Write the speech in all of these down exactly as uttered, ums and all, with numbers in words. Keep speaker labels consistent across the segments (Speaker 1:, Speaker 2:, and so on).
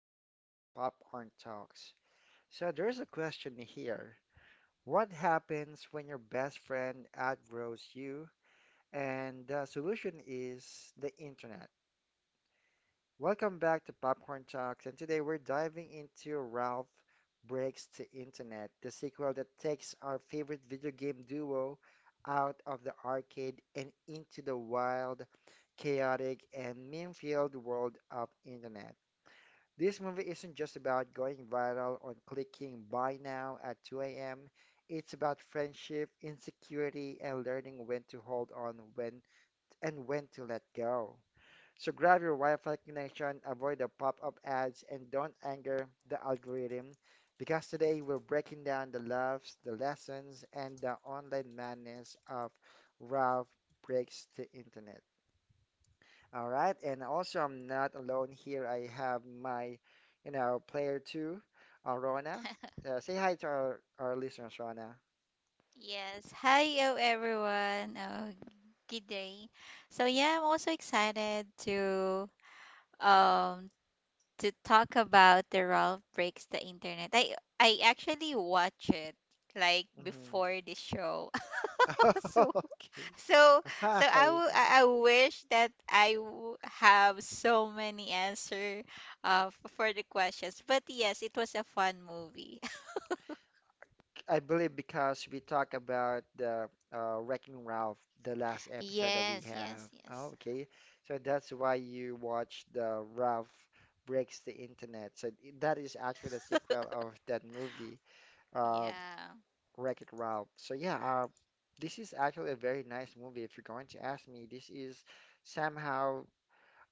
Speaker 1: and this is Popcorn Talks. So there's a question here. What happens when your best friend outgrows you? And the solution is the internet. Welcome back to Popcorn Talks, and today we're diving into Ralph Breaks the Internet, the sequel that takes our favorite video game duo out of the arcade and into the wild, chaotic, and meme-filled world of internet. This movie isn't just about going viral on clicking buy now at two a m. It's about friendship, insecurity, and learning when to hold on when and when to let go. So grab your Wi-Fi connection, avoid the pop-up ads, and don't anger the algorithm because today we're breaking down the loves, the lessons, and the online madness of Ralph Breaks the Internet. All right, and also I'm not alone here. I have my, you know, player two, uh, Rona. Uh, say hi to our, our listeners, Rona.
Speaker 2: Yes. Hi, oh, everyone. Oh, good day. So yeah, I'm also excited to um to talk about the Ralph Breaks the Internet. I I actually watch it like
Speaker 1: hmm
Speaker 2: before the show. so
Speaker 1: Okay.
Speaker 2: so so I
Speaker 1: Hi.
Speaker 2: w- I I wish that I w- have so many answer uh f- for the questions. But yes, it was a fun movie.
Speaker 1: I believe because we talked about the uh, Wrecking Ralph, the last episode that we
Speaker 2: Yes,
Speaker 1: have.
Speaker 2: yes,
Speaker 1: Oh,
Speaker 2: yes.
Speaker 1: okay. So that's why you watch the Ralph Breaks the Internet. So i- that is actually the sequel of that movie. Uh,
Speaker 2: Yeah.
Speaker 1: Wreck-It Ralph. So yeah, uh, this is actually a very nice movie. If you're going to ask me, this is somehow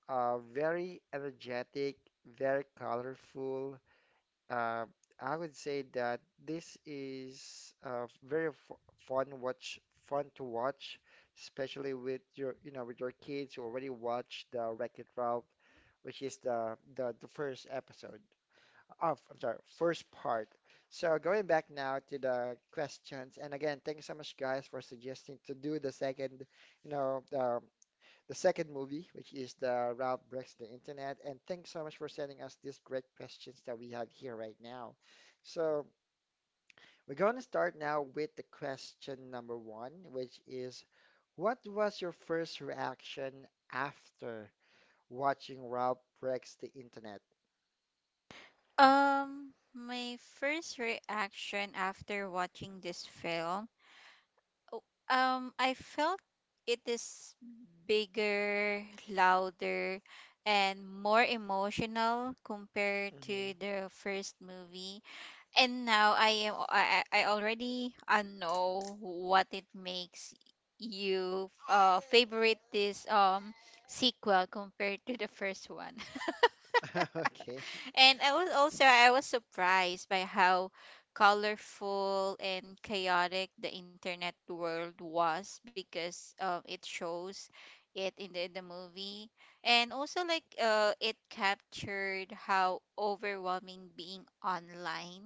Speaker 1: uh, very energetic, very colorful. Uh, I would say that this is uh, very f fun watch, fun to watch, especially with your, you know, with your kids who already watched the Wreck-It Ralph, which is the the, the first episode. Oh, I'm sorry, first part. So going back now to the questions, and again, thanks so much, guys, for suggesting to do the second, you know, the, the second movie, which is the Ralph Breaks the Internet, and thanks so much for sending us these great questions that we have here right now. So we're going to start now with the question number one, which is, what was your first reaction after watching Ralph Breaks the Internet?
Speaker 2: Um, my first reaction after watching this film, oh, um, I felt it is bigger, louder, and more emotional compared to the first movie. And now I am I I I already uh, know what it makes you uh favorite this um sequel compared to the first one.
Speaker 1: hmm Okay.
Speaker 2: And I was also I was surprised by how colorful and chaotic the internet world was, because um, it shows it in the, in the movie, and also like uh, it captured how overwhelming being online.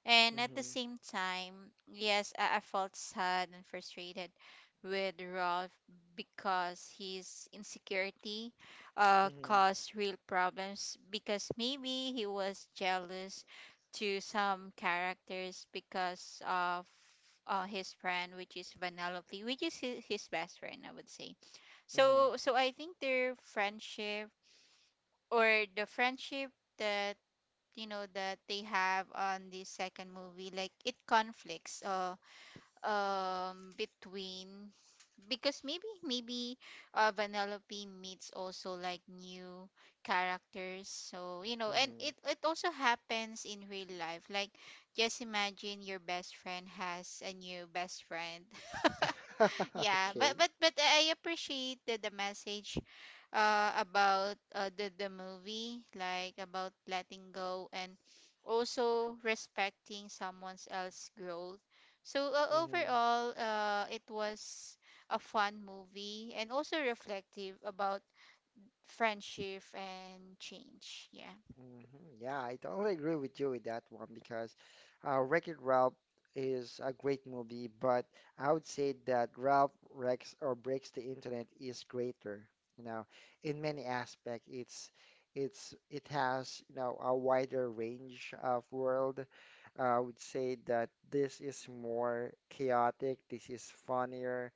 Speaker 2: And at the
Speaker 1: hmm
Speaker 2: same time, yes, I, I felt sad and frustrated with Rolf, because his insecurity uh,
Speaker 1: hmm
Speaker 2: caused real problems, because maybe he was jealous to some characters because of uh, his friend, which is Vanellope, which is his, his best friend, I would say.
Speaker 1: hmm
Speaker 2: So so I think their friendship, or the friendship that, you know, that they have on the second movie, like it conflicts uh um between, because maybe maybe uh Vanellope meets also like new characters. So, you know, and it it also happens in real life, like just imagine your best friend has a new best friend.
Speaker 1: hmm
Speaker 2: Yeah, but
Speaker 1: Okay.
Speaker 2: but but i appreciate the, the message uh about uh, the the movie, like about letting go and also respecting someone else's growth. So uh,
Speaker 1: hmm
Speaker 2: overall uh it was a fun movie and also reflective about friendship and change. Yeah,
Speaker 1: hmm Yeah, I totally agree with you with that one because uh, Wreck-It Ralph is a great movie, but I would say that Ralph Wrecks or Breaks the Internet is greater. You know, in many aspects, it's it's it has, you know, a wider range of world. I would say that this is more chaotic. This is funnier.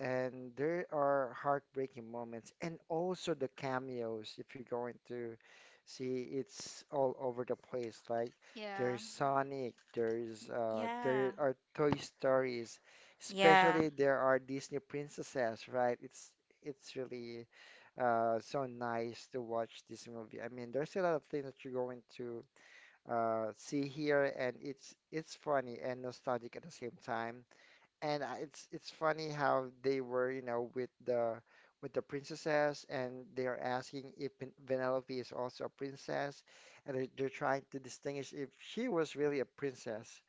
Speaker 1: And there are heartbreaking moments, and also the cameos, if you're going to see, it's all over the place. Like
Speaker 2: yeah.
Speaker 1: there's Sonic, there's uh
Speaker 2: Yeah.
Speaker 1: there are Toy Stories,
Speaker 2: Yeah.
Speaker 1: especially there are Disney princesses, right? It's it's really uh so nice to watch this movie. I mean, there's a lot of things that you're going to uh see here, and it's it's funny and nostalgic at the same time. And I- it's it's funny how they were, you know, with the with the princesses, and they are asking if Pen- Penelope is also a princess, and they're, they're trying to distinguish if she was really a princess.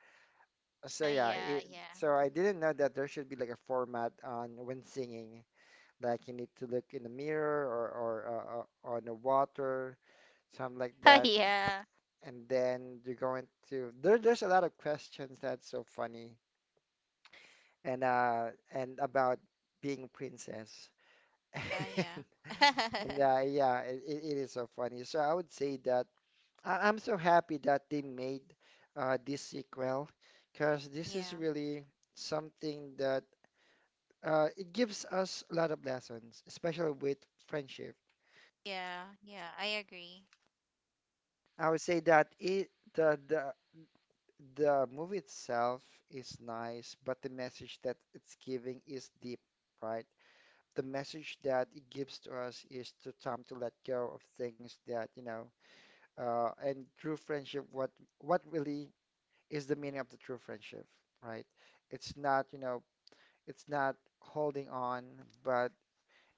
Speaker 1: So
Speaker 2: Uh,
Speaker 1: yeah,
Speaker 2: yeah,
Speaker 1: it,
Speaker 2: yeah.
Speaker 1: so I didn't know that there should be like a format on when singing, like you need to look in the mirror, or or uh, uh, on the water, something like that,
Speaker 2: Yeah.
Speaker 1: and then you're going to there. There's a lot of questions that's so funny, and uh and about being princess.
Speaker 2: Yeah, yeah.
Speaker 1: And uh, yeah, it, it it is so funny. So I would say that I, I'm so happy that they made uh this sequel because this is
Speaker 2: Yeah.
Speaker 1: really something that uh it gives us a lot of lessons, especially with friendship.
Speaker 2: Yeah, yeah, I agree.
Speaker 1: I would say that it the the the movie itself is nice, but the message that it's giving is deep, right? The message that it gives to us is to time to let go of things that, you know, uh, and true friendship, what what really is the meaning of the true friendship, right? It's not, you know, it's not holding on, but,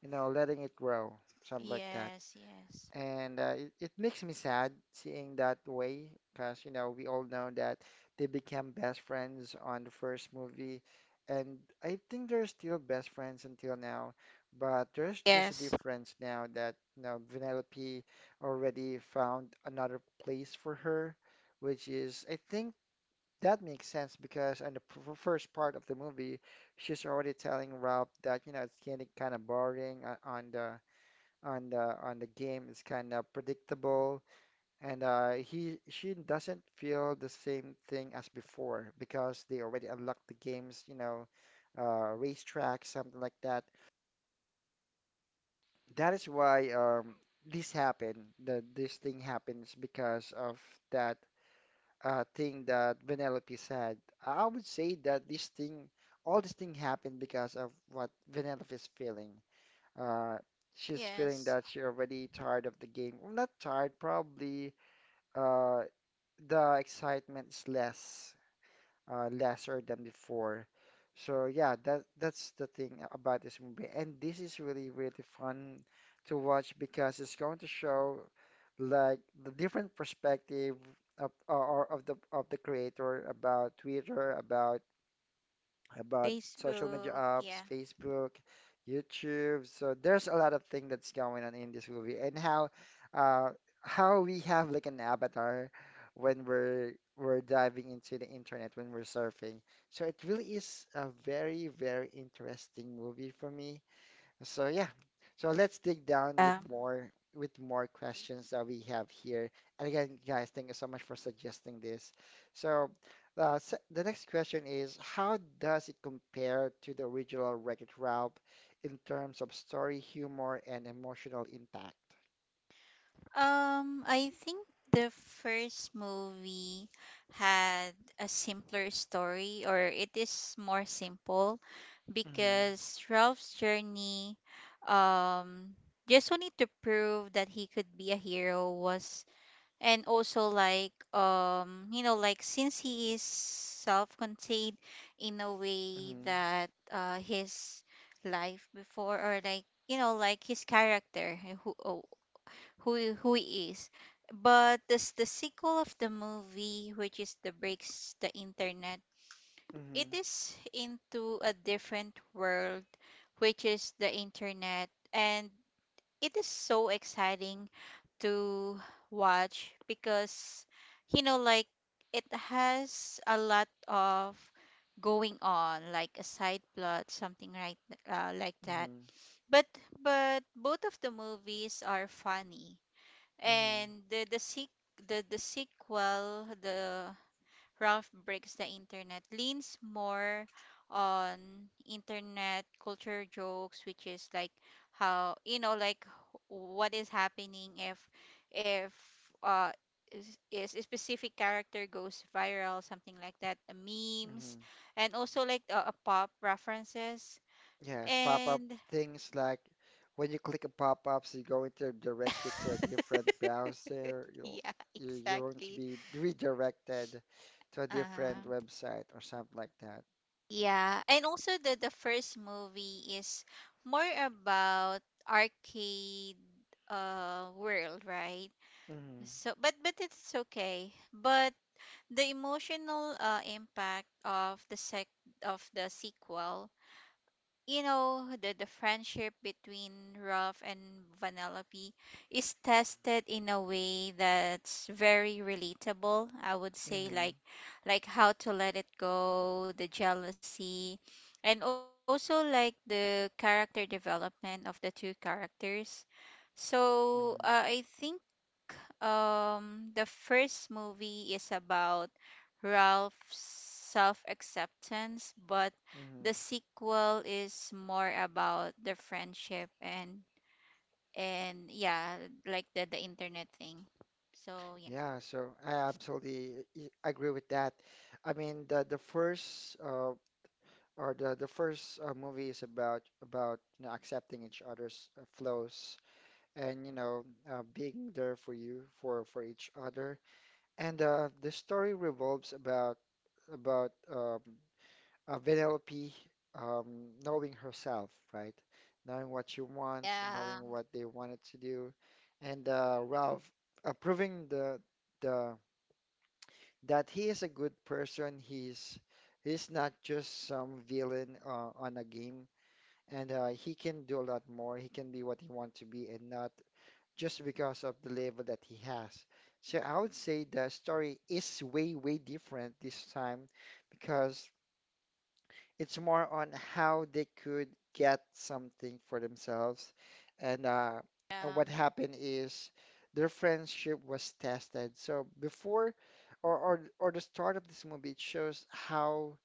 Speaker 1: you know, letting it grow, something like that.
Speaker 2: Yes, yes.
Speaker 1: And uh, it, it makes me sad seeing that way because, you know, we all know that they became best friends on the first movie. And I think they're still best friends until now. But there's just a
Speaker 2: Yes.
Speaker 1: difference now that, you know, Vanellope already found another place for her, which is, I think that makes sense because in the p- f- first part of the movie, she's already telling Ralph that, you know, it's getting kind of boring uh, on the on the on the game is kind of predictable, and uh, he she doesn't feel the same thing as before because they already unlocked the games, you know, uh, racetrack, something like that. That is why um, this happened, that this thing happens because of that uh, thing that Vanellope said. I would say that this thing, all this thing happened because of what Vanellope is feeling. Uh, she's feeling
Speaker 2: Yes.
Speaker 1: that she already tired of the game. Well, not tired, probably. Uh, the excitement is less, uh, lesser than before. So yeah, that that's the thing about this movie, and this is really really fun to watch because it's going to show like the different perspective of or or of the of the creator about Twitter, about about social media
Speaker 2: Facebook,
Speaker 1: apps,
Speaker 2: yeah.
Speaker 1: Facebook, YouTube. So there's a lot of thing that's going on in this movie, and how uh, how we have like an avatar when we're we're diving into the internet when we're surfing. So it really is a very, very interesting movie for me. So yeah, so let's dig down with
Speaker 2: Um.
Speaker 1: more with more questions that we have here. And again, guys, thank you so much for suggesting this. So uh, s the next question is, how does it compare to the original Wreck-It Ralph in terms of story, humor, and emotional impact?
Speaker 2: Um, I think the first movie had a simpler story, or it is more simple,
Speaker 1: Mm-hmm,
Speaker 2: because Ralph's journey, um, just wanting to prove that he could be a hero was, and also like um you know like since he is self-contained in a way
Speaker 1: mm-hmm,
Speaker 2: that uh his life before, or like you know like his character, uh, who oh, who he- who he is. But this the sequel of the movie, which is the Breaks the Internet, it is into a different world, which is the internet, and it is so exciting to watch because you know like it has a lot of going on, like a side plot, something like uh, like that.
Speaker 1: mm-hmm,
Speaker 2: But but both of the movies are funny,
Speaker 1: mm-hmm,
Speaker 2: and the the sequ- the, the sequel the Ralph Breaks the Internet leans more on internet culture jokes, which is like how, you know, like what is happening if if uh is, is a specific character goes viral, something like that, the
Speaker 1: mm-hmm,
Speaker 2: memes, and also like uh, uh, pop references,
Speaker 1: Yes, pop-up
Speaker 2: and
Speaker 1: things like when you click a pop-ups, you're going to direct you to a different browser. You'll,
Speaker 2: yeah,
Speaker 1: you- you're going to
Speaker 2: exactly.
Speaker 1: be redirected to a different
Speaker 2: uh
Speaker 1: website or something like that.
Speaker 2: Yeah, and also the the first movie is more about arcade uh world, right?
Speaker 1: hmm
Speaker 2: So but but it's okay. But the emotional uh impact of the sec of the sequel, you know the, the friendship between Ralph and Vanellope is tested in a way that's very relatable. I would say,
Speaker 1: hmm
Speaker 2: like like how to let it go, the jealousy, and also like the character development of the two characters. So uh,
Speaker 1: hmm
Speaker 2: I think um the first movie is about Ralph's self-acceptance, but
Speaker 1: hmm
Speaker 2: the sequel is more about the friendship, and and yeah, like the the internet thing. So Yeah.
Speaker 1: Yeah, so I absolutely i- agree with that. I mean, the the first uh, or the the first uh, movie is about about you know, accepting each other's uh, flaws, and you know, uh, being there for you for for each other. And uh, the story revolves about about um, uh, Vanellope um, knowing herself, right? Knowing what she wants,
Speaker 2: Yeah.
Speaker 1: knowing what they wanted to do, and uh, Ralph uh, proving the the that he is a good person. He's he's not just some villain uh, on a game, and uh, he can do a lot more. He can be what he wants to be, and not just because of the level that he has. So I would say the story is way, way different this time because it's more on how they could get something for themselves. And uh,
Speaker 2: Yeah.
Speaker 1: and what happened is their friendship was tested. So before or or or the start of this movie, it shows how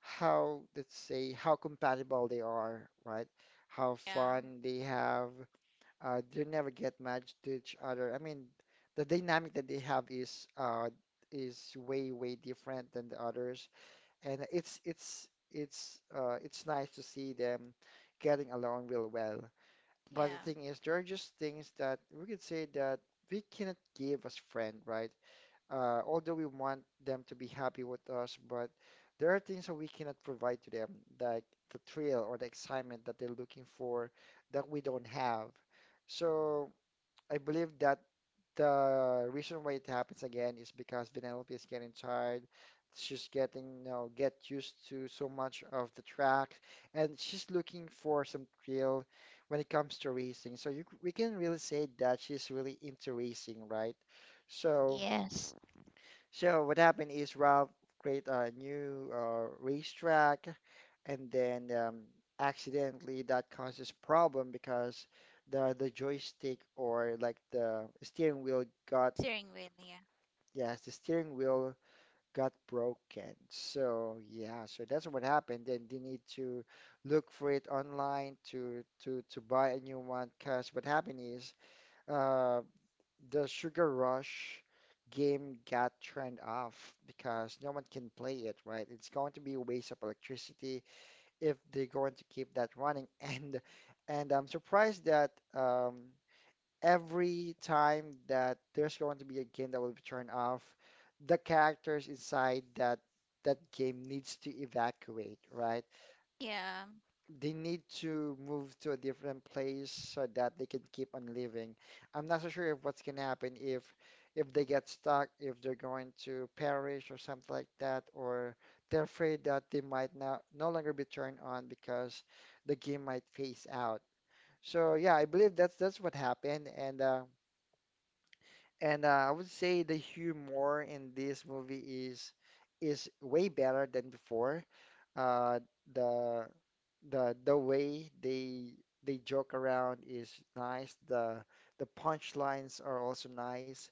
Speaker 1: how let's say how compatible they are, right? How
Speaker 2: Yeah.
Speaker 1: fun they have, uh, they never get matched to each other. I mean, the dynamic that they have is uh, is way way different than the others, and it's it's it's uh, it's nice to see them getting along real well. But the
Speaker 2: Yeah.
Speaker 1: thing is, there are just things that we could say that we cannot give as friend, right? Uh, although we want them to be happy with us, but there are things that we cannot provide to them, like the thrill or the excitement that they're looking for that we don't have. So I believe that the reason why it happens again is because Vanellope is getting tired. She's getting, you know, get used to so much of the track, and she's looking for some thrill when it comes to racing. So you, c- we can really say that she's really into racing, right? So,
Speaker 2: Yes.
Speaker 1: so what happened is Ralph create a new uh, racetrack, and then um, accidentally that causes problem because the the joystick or like the steering wheel got
Speaker 2: Steering wheel, yeah.
Speaker 1: yes the steering wheel got broken. So yeah, so that's what happened. Then they need to look for it online to to to buy a new one because what happened is uh the Sugar Rush game got turned off because no one can play it, right? It's going to be a waste of electricity if they're going to keep that running. And and I'm surprised that um, every time that there's going to be a game that will be turned off, the characters inside that that game needs to evacuate, right?
Speaker 2: Yeah.
Speaker 1: They need to move to a different place so that they can keep on living. I'm not so sure if what's gonna happen if if they get stuck, if they're going to perish or something like that, or they're afraid that they might not no longer be turned on because the game might phase out. So yeah, I believe that's that's what happened, and uh, and uh, I would say the humor in this movie is is way better than before. Uh, the the the way they they joke around is nice. The the punchlines are also nice.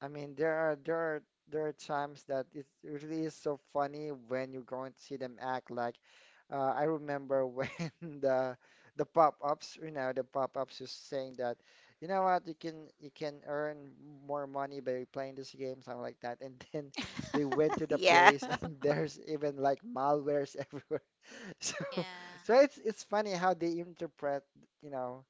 Speaker 1: I mean, there are there are there are times that it really is so funny when you're going to see them act like. Uh, I remember when the the pop-ups, you know, the pop-ups is saying that, you know what, you can you can earn more money by playing this game, something like that. And then they went to the
Speaker 2: Yeah.
Speaker 1: place, and there's even like malwares everywhere. So,
Speaker 2: Yeah.
Speaker 1: so it's it's funny how they interpret, you know,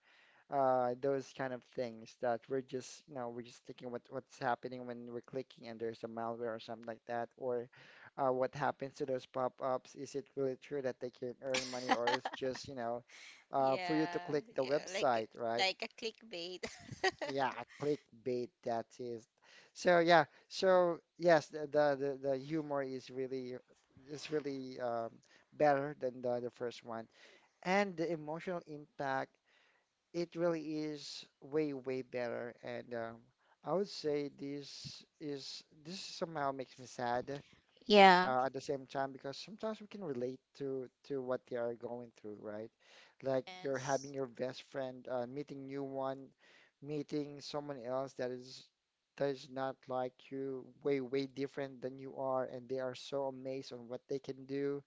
Speaker 1: uh, those kind of things that we're just, you know, we're just thinking what what's happening when we're clicking and there's a malware or something like that, or uh, what happens to those pop-ups? Is it really true that they can earn money, or it's just, you know, uh, for you to
Speaker 2: Yeah.
Speaker 1: click the
Speaker 2: Yeah. Like
Speaker 1: website, right?
Speaker 2: like a clickbait.
Speaker 1: Yeah, clickbait, that is. So yeah, so yes, the the the the humor is really is really um, better than the the first one and the emotional impact, it really is way, way better. And um, I would say this is this somehow makes me sad
Speaker 2: Yeah.
Speaker 1: uh, at the same time because sometimes we can relate to to what they are going through, right? Like you're
Speaker 2: Yes.
Speaker 1: having your best friend uh, meeting new one, meeting someone else that is that is not like you, way, way different than you are, and they are so amazed on what they can do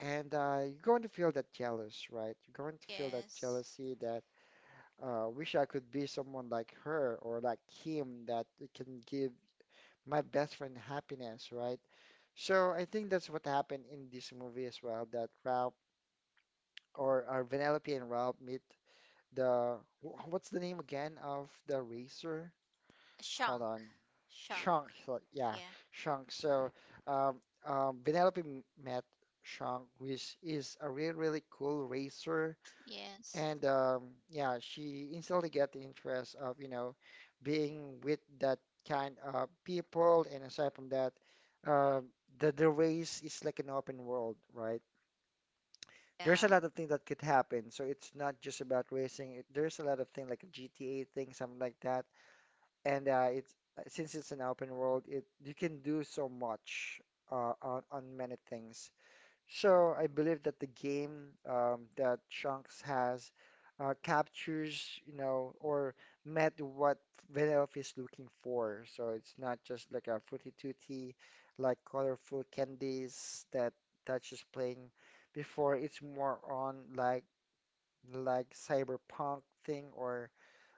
Speaker 1: and uh, you're going to feel that jealous, right? You're going to feel that
Speaker 2: Yes.
Speaker 1: jealousy that uh, wish I could be someone like her or like him that it can give my best friend happiness, right? So I think that's what happened in this movie as well, that Ralph or uh, Vanellope and Ralph meet the wh- what's the name again of the racer? Hold
Speaker 2: Shunk.
Speaker 1: on.
Speaker 2: Shunk.
Speaker 1: Shank, so- yeah,
Speaker 2: Yeah.
Speaker 1: Shank. So, um, um, Vanellope m- met Shank, which is a really, really cool racer.
Speaker 2: Yes.
Speaker 1: And um, yeah, she instantly get the interest of, you know, being with that kind of people. And aside from that, uh, the, the race is like an open world, right? There's a
Speaker 2: Yeah.
Speaker 1: lot of things that could happen. So it's not just about racing. It, there's a lot of things like a G T A thing, something like that. And uh, it's since it's an open world, it you can do so much uh, on, on many things. So I believe that the game um, that Shanks has uh, captures, you know, or met what Vanellope is looking for. So it's not just like a fruity tooty, like colorful candies that Dutch is playing before. It's more on like like cyberpunk thing or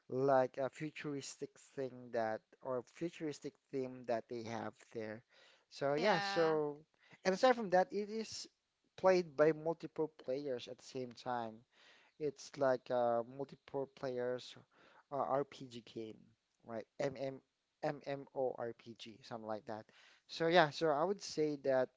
Speaker 1: like a futuristic thing that or futuristic theme that they have there. So yeah,
Speaker 2: Yeah.
Speaker 1: so and aside from that, it is played by multiple players at the same time. It's like a multiple players uh, R P G game, right? MM MMORPG, something like that. So yeah, so I would say that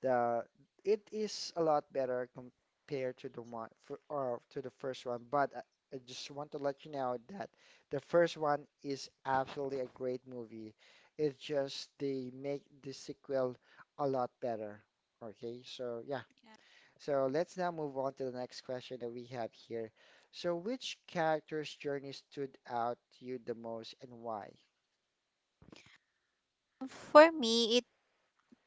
Speaker 1: the it is a lot better compared to the one for, or to the first one, but I, I just want to let you know that the first one is absolutely a great movie. It's just they make the sequel a lot better. Okay, so yeah, so let's now move on to the next question that we have here. So which character's journey stood out to you the most and why?
Speaker 2: For me, it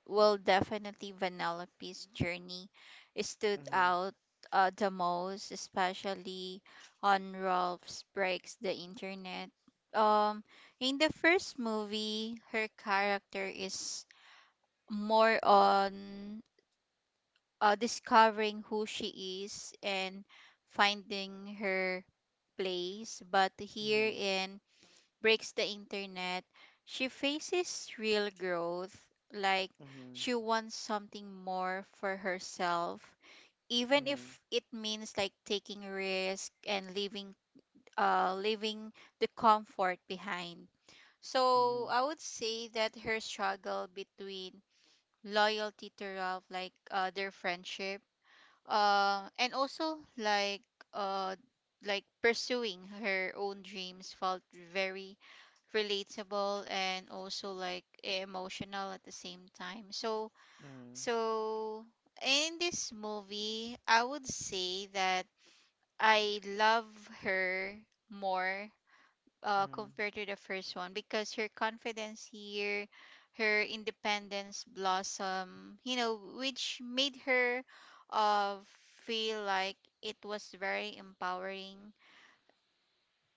Speaker 2: will definitely Vanellope's journey stood
Speaker 1: Mm-hmm.
Speaker 2: out, uh, the most, especially on Rolf's Breaks the Internet. Um, in the first movie, her character is more on uh, discovering who she is and finding her place. But here
Speaker 1: Mm-hmm.
Speaker 2: in Breaks the Internet, she faces real growth. Like,
Speaker 1: Mm-hmm.
Speaker 2: she wants something more for herself, even
Speaker 1: Mm-hmm.
Speaker 2: if it means like taking risk and leaving uh leaving the comfort behind. So I would say that her struggle between loyalty to Ralph, like uh, their friendship, uh and also like uh like pursuing her own dreams, felt very relatable and also like emotional at the same time. so
Speaker 1: Mm-hmm.
Speaker 2: so in this movie, I would say that I love her more, uh,
Speaker 1: Mm-hmm.
Speaker 2: compared to the first one, because her confidence here, her independence blossom, you know, which made her uh, feel like it was very empowering,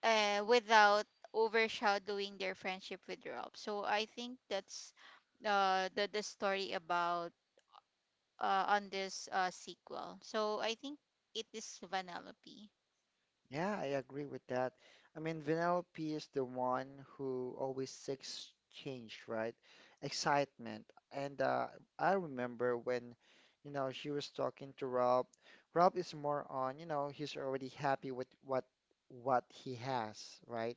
Speaker 2: uh, without overshadowing their friendship with Rob. So I think that's uh, the, the story about, uh, on this uh, sequel. So I think it is Vanellope.
Speaker 1: Yeah, I agree with that. I mean, Vanellope is the one who always seeks change, right? Excitement. And uh, I remember when, you know, she was talking to Rob. Rob is more on, you know, he's already happy with what what he has, right?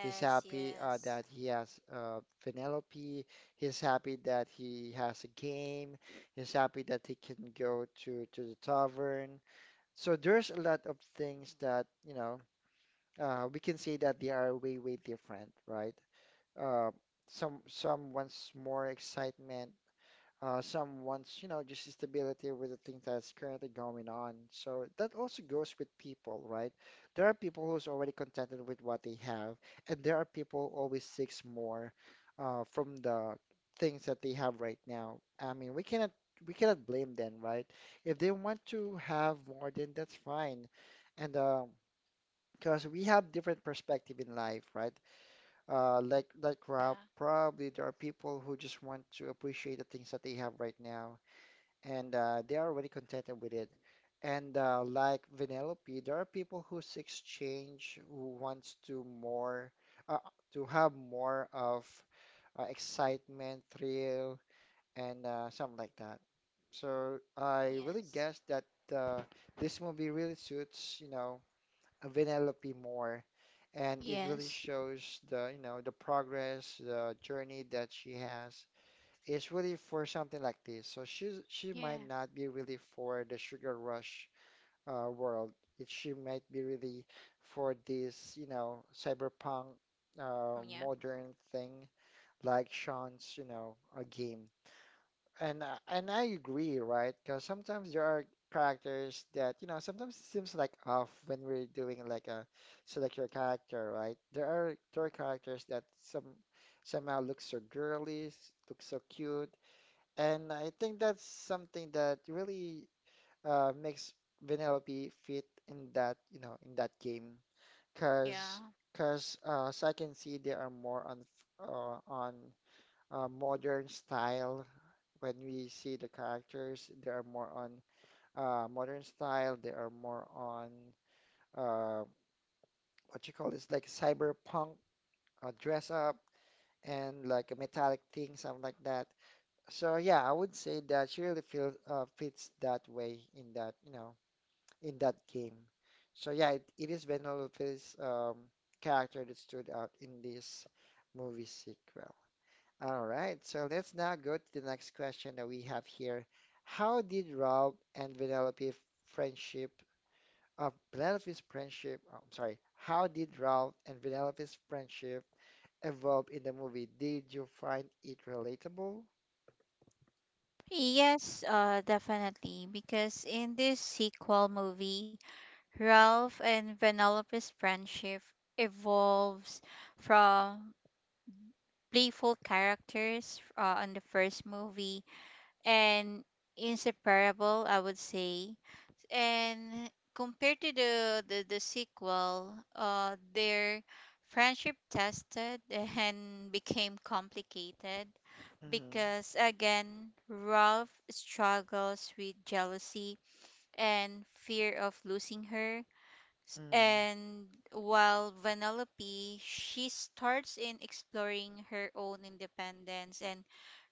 Speaker 1: He's happy
Speaker 2: yes.
Speaker 1: uh, that he has uh, Vanellope. He's happy that he has a game. He's happy that he can go to to the tavern. So there's a lot of things that, you know, uh, we can say that they are way, way different, right? Uh, some some wants more excitement, uh, some wants, you know, just stability with the thing that's currently going on. So that also goes with people, right? There are people who's already contented with what they have, and there are people who always seeks more uh, from the things that they have right now. I mean, we cannot we cannot blame them, right? If they want to have more, then that's fine. And uh, because we have different perspective in life, right? Uh, like that
Speaker 2: Yeah,
Speaker 1: crowd, probably there are people who just want to appreciate the things that they have right now, and uh, they are already contented with it. And uh, like Vanellope, there are people who seeks change, who wants to more, uh, to have more of uh, excitement, thrill, and uh, something like that. So I really
Speaker 2: yes.
Speaker 1: guess that uh, this movie really suits, you know, Vanellope more and it really
Speaker 2: Yes.
Speaker 1: shows the, you know, the progress, the journey that she has. It's really for something like this. So she's she might
Speaker 2: Yeah.
Speaker 1: not be really for the sugar rush uh, world. It, she might be really for this, you know, cyberpunk uh,
Speaker 2: Yeah.
Speaker 1: modern thing like Sean's, you know, a game. And uh, and I agree, right? Because sometimes there are characters that you know sometimes it seems like off when we're doing like a select your character, right? There are there are characters that some somehow look so girly, s- look so cute, and I think that's something that really uh, makes Vanellope fit in that you know in that game, because
Speaker 2: Yeah.
Speaker 1: because uh, so I can see, they are more on f- uh, on uh, modern style when we see the characters, they are more on uh, modern style. They are more on uh, what you call this, like cyberpunk uh, dress up and like a metallic thing, something like that. So yeah, I would say that she really feels uh, fits that way in that you know in that game. So yeah, it, it is Penelope's um, character that stood out in this movie sequel. All right, so let's now go to the next question that we have here. How did Rob and Vanellope friendship of Penelope's friendship, oh, I'm sorry, how did Rob and Vanellope's friendship evolve in the movie? Did you find it relatable?
Speaker 2: Yes, uh, definitely. Because in this sequel movie, Ralph and Penelope's friendship evolves from playful characters uh, on the first movie, and inseparable, I would say. And compared to the the, the sequel, uh, their friendship tested and became complicated,
Speaker 1: Mm-hmm.
Speaker 2: because again, Ralph struggles with jealousy and fear of losing her. S-
Speaker 1: Mm-hmm.
Speaker 2: And while Vanellope, she starts in exploring her own independence and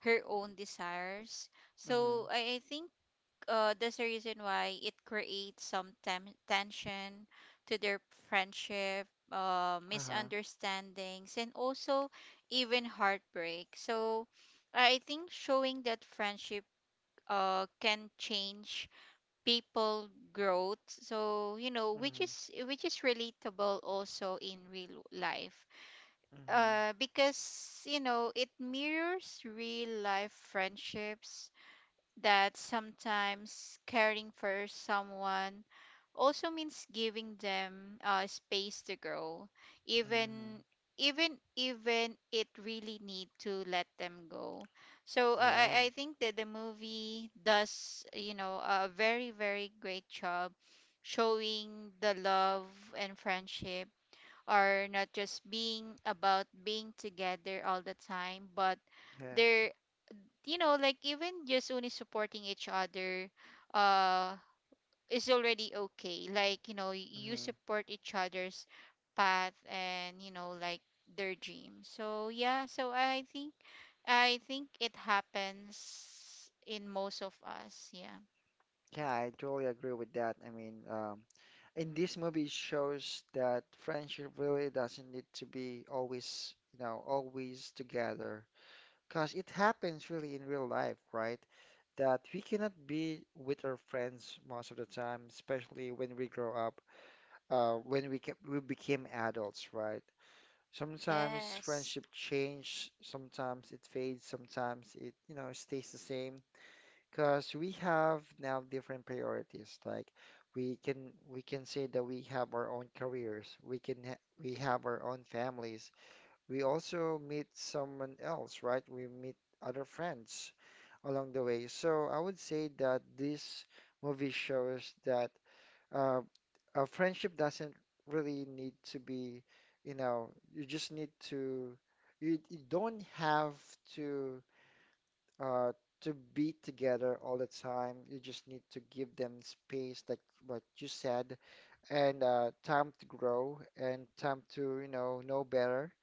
Speaker 2: her own desires.
Speaker 1: Mm-hmm.
Speaker 2: So I, I think, uh, there's a reason why it creates some tem- tension to their friendship, uh,
Speaker 1: Uh-huh.
Speaker 2: misunderstandings, and also even heartbreak. So I think showing that friendship uh, can change people growth, so you know which
Speaker 1: Mm-hmm.
Speaker 2: is which is relatable also in real life,
Speaker 1: Mm-hmm.
Speaker 2: uh because you know it mirrors real life friendships, that sometimes caring for someone also means giving them uh, space to grow,
Speaker 1: Mm-hmm.
Speaker 2: even even even it really need to let them go. So uh,
Speaker 1: Yeah,
Speaker 2: i i think that the movie does, you know a very very great job showing the love and friendship are not just being about being together all the time, but
Speaker 1: yes.
Speaker 2: they, you know like even just only supporting each other, uh is already okay. Like, you know you
Speaker 1: Mm-hmm.
Speaker 2: support each other's path, and you know like their dreams. So yeah, so i think i think it happens in most of us, yeah.
Speaker 1: Yeah, I totally agree with that. I mean, um, in this movie, it shows that friendship really doesn't need to be always, you know, always together. Because it happens really in real life, right? That we cannot be with our friends most of the time, especially when we grow up, uh, when we ca we became adults, right? Sometimes
Speaker 2: Yes.
Speaker 1: friendship change, sometimes it fades, sometimes it, you know, stays the same. Because we have now different priorities. Like we can we can say that we have our own careers. We can ha we have our own families. We also meet someone else, right? We meet other friends along the way. So I would say that this movie shows that uh, a friendship doesn't really need to be, you know, you just need to you, you don't have to uh, to be together all the time. You just need to give them space, like what you said, and uh, time to grow and time to, you know, know better.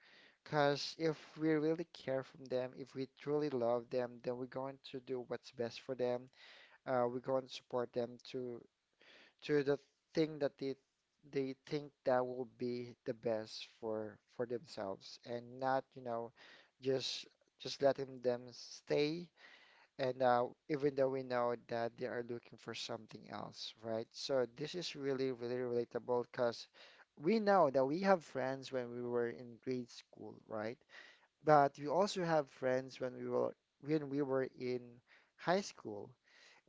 Speaker 1: Because if we really care from them, if we truly love them, then we're going to do what's best for them. Uh, we're going to support them to to the thing that they they think that will be the best for for themselves, and not, you know, just just letting them stay and uh, even though we know that they are looking for something else, right? So this is really, really relatable because we know that we have friends when we were in grade school, right? But we also have friends when we were when we were in high school,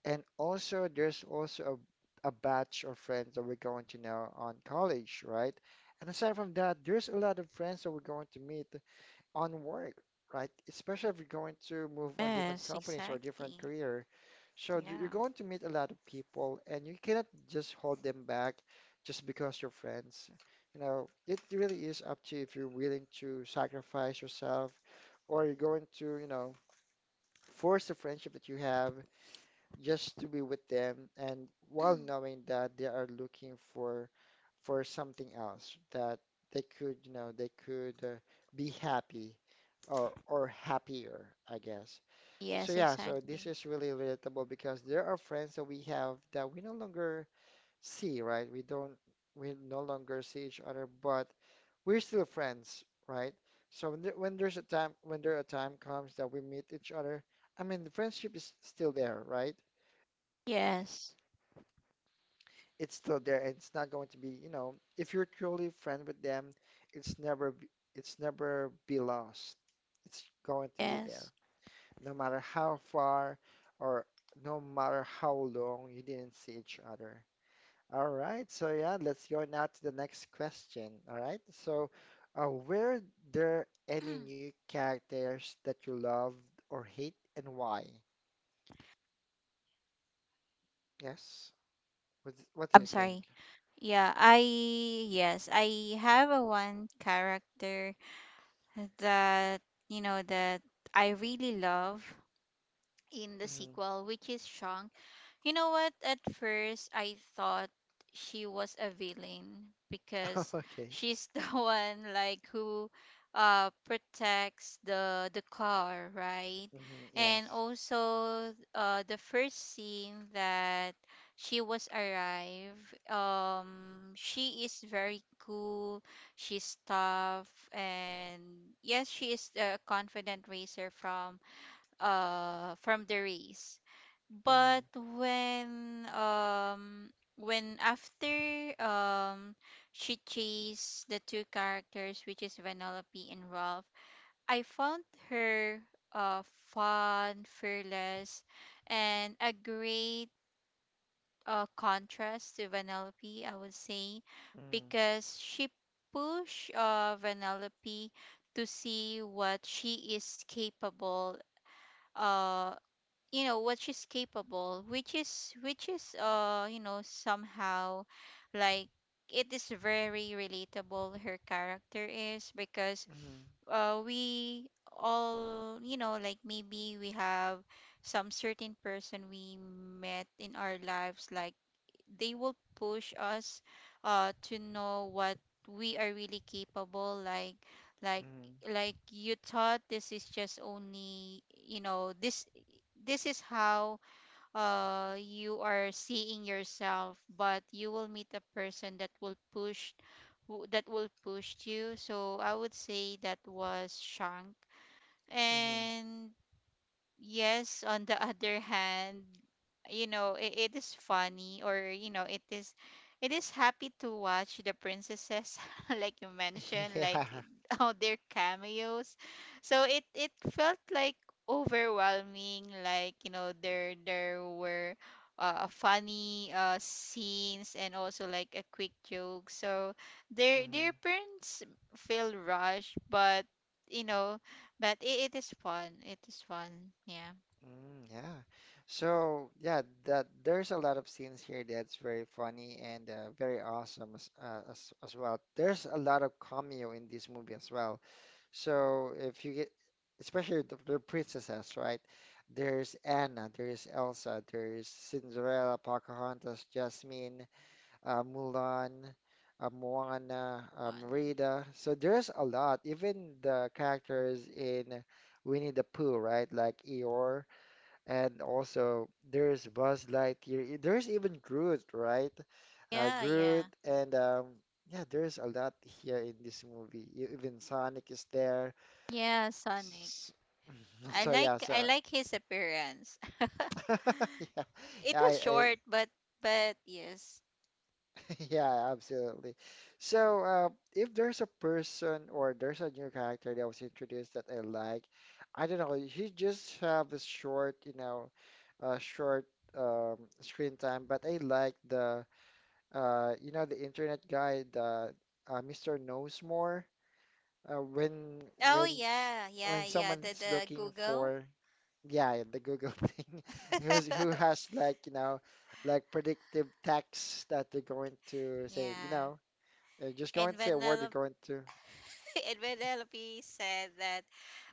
Speaker 1: and also there's also a, a batch of friends that we're going to know on college, right? And aside from that, there's a lot of friends that we're going to meet on work, right? Especially if you're going to move on different
Speaker 2: Yes,
Speaker 1: companies or different
Speaker 2: exactly.
Speaker 1: career. So th- you're
Speaker 2: Yeah.
Speaker 1: going to meet a lot of people and you cannot just hold them back just because you're friends. You know, it really is up to you if you're willing to sacrifice yourself or you're going to, you know, force the friendship that you have just to be with them and while knowing that they are looking for for something else that they could, you know, they could uh, be happy or or happier, I guess. So
Speaker 2: Yes,
Speaker 1: yeah, so this
Speaker 2: exactly.
Speaker 1: is really relatable because there are friends that we have that we no longer see, right? We don't we no longer see each other, but we're still friends, right? So when there, when there's a time when there a time comes that we meet each other, I mean the friendship is still there, right?
Speaker 2: Yes.
Speaker 1: It's still there and it's not going to be, you know, if you're truly friend with them, it's never b- it's never be lost. It's going to be there.
Speaker 2: Yes.
Speaker 1: No matter how far or no matter how long you didn't see each other. All right, so yeah, let's go now to the next question. All right, so uh, were there any new characters that you loved or hate and why? Yes. What, what do you
Speaker 2: I'm
Speaker 1: think?
Speaker 2: sorry. Yeah, I yes, I have a one character that, you know that I really love in the
Speaker 1: Hmm.
Speaker 2: sequel, which is Shang. You know what? At first, I thought she was a villain because
Speaker 1: Okay.
Speaker 2: she's the one like who uh protects the the car, right?
Speaker 1: Hmm.
Speaker 2: And
Speaker 1: Yes.
Speaker 2: also, uh the first scene that she was arrived, um she is very cool, she's tough, and yes, she is a confident racer from uh from the race.
Speaker 1: Mm-hmm.
Speaker 2: But when um when after um she chased the two characters, which is Vanellope and Ralph, I found her, uh fun, fearless, and a great uh contrast to Vanellope, I would say,
Speaker 1: Mm,
Speaker 2: because she pushed uh Vanellope to see what she is capable, uh you know what she's capable, which is, which is uh you know somehow like it is very relatable, her character is, because
Speaker 1: mm,
Speaker 2: uh we all, you know like maybe we have some certain person we met in our lives, like they will push us, uh to know what we are really capable. Like, like
Speaker 1: mm,
Speaker 2: like you thought this is just only, you know this this is how uh you are seeing yourself, but you will meet a person that will push who- that will push you. So I would say that was Shank.
Speaker 1: mm.
Speaker 2: And yes, on the other hand, you know it, it is funny, or you know it is it is happy to watch the princesses like you mentioned, like
Speaker 1: Yeah.
Speaker 2: it- all their cameos. So it it felt like overwhelming. Like, you know there there were uh, funny uh, scenes, and also like a quick joke, so their their
Speaker 1: Mm,
Speaker 2: parents feel rushed, but you know but it, it is fun. It is fun. Yeah.
Speaker 1: mm, yeah. So yeah, that there's a lot of scenes here that's very funny and uh, very awesome as, uh, as as well. There's a lot of cameo in this movie as well. So if you get, especially the, the princesses, right? There's Anna, there's Elsa, there's Cinderella, Pocahontas, Jasmine, uh, Mulan, uh, Moana, um,
Speaker 2: Fun.
Speaker 1: Merida. So there's a lot. Even the characters in Winnie the Pooh, right? Like Eeyore, and also there's Buzz Lightyear. e- There's even Groot, right? Uh,
Speaker 2: Yeah, yeah.
Speaker 1: Groot, and um, yeah, there's a lot here in this movie. E- Even Sonic is there.
Speaker 2: Yeah, Sonic.
Speaker 1: S-
Speaker 2: I
Speaker 1: So
Speaker 2: like
Speaker 1: yeah,
Speaker 2: I
Speaker 1: so
Speaker 2: like his appearance.
Speaker 1: yeah,
Speaker 2: It
Speaker 1: yeah. I,
Speaker 2: was
Speaker 1: I
Speaker 2: short, but but yes.
Speaker 1: Yeah, absolutely. So, uh, if there's a person or there's a new character that was introduced that I like, I don't know, he just have a short, you know, uh, short um, screen time, but I like the, uh, you know, the internet guy, the uh, Mister Knows More. Uh, when
Speaker 2: Oh
Speaker 1: when
Speaker 2: yeah,
Speaker 1: when
Speaker 2: yeah, yeah. The
Speaker 1: someone's
Speaker 2: the
Speaker 1: looking
Speaker 2: Google.
Speaker 1: for, yeah, the Google thing, who's who has like, you know, like predictive texts that they're going to say, you
Speaker 2: Yeah.
Speaker 1: know. They're just going
Speaker 2: And
Speaker 1: to say a word they're
Speaker 2: Vanellope
Speaker 1: going to.
Speaker 2: and Vanellope said that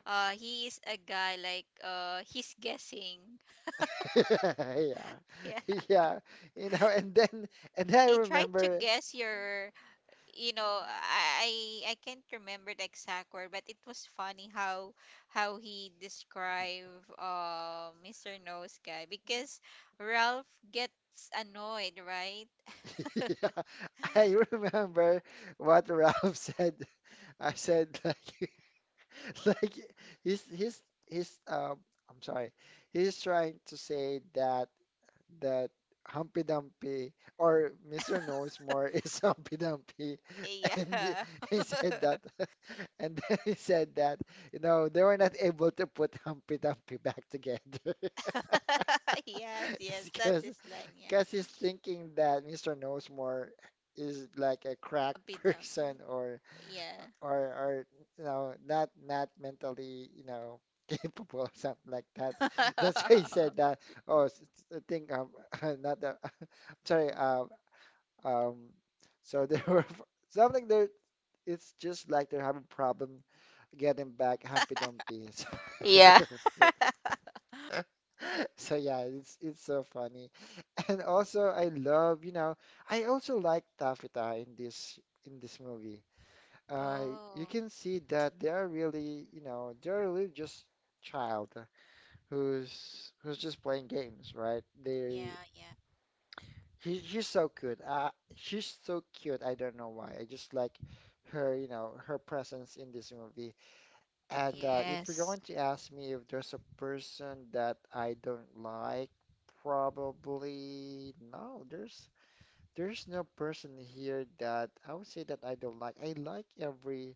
Speaker 2: uh he is a guy. Like, uh he's guessing.
Speaker 1: Yeah.
Speaker 2: Yeah.
Speaker 1: Yeah. You know, and then and then I
Speaker 2: He tried to
Speaker 1: remember
Speaker 2: guess your, you know I I I can't remember the exact word, but it was funny how how he described uh Mister Nose Guy, because Ralph gets annoyed, right?
Speaker 1: yeah, I remember what Ralph said. I said like like he's he's he's um I'm sorry. He's trying to say that that humpy dumpy or Mister Knows More is humpy dumpy, and
Speaker 2: Yeah.
Speaker 1: he said that, and then he said that you know they were not able to put humpy dumpy back together
Speaker 2: Yes, yes, that's
Speaker 1: because
Speaker 2: his line, yeah.
Speaker 1: because he's thinking that Mister Knows More is like a crack
Speaker 2: Humpy Dumpy,
Speaker 1: person or
Speaker 2: yeah.
Speaker 1: or or you know not not mentally you know capable or something like that. That's why he said that. Oh, s- s- I think um not the sorry um um so they were f- something there. It's just like they're having problem getting back Humpy Dumpy. So,
Speaker 2: Yeah.
Speaker 1: so, so yeah, it's it's so funny. And also I love, you know, I also like Taffy in this in this movie uh, you
Speaker 2: Oh
Speaker 1: can see that they are really, you know, they're really just child who's who's just playing games, right? They
Speaker 2: yeah, yeah.
Speaker 1: he, he's so cute. Uh, she's so cute. I don't know why. I just like her, you know, her presence in this movie. And uh, if you're going
Speaker 2: Yes.
Speaker 1: to ask me if there's a person that I don't like, probably no. There's there's no person here that I would say that I don't like. I like every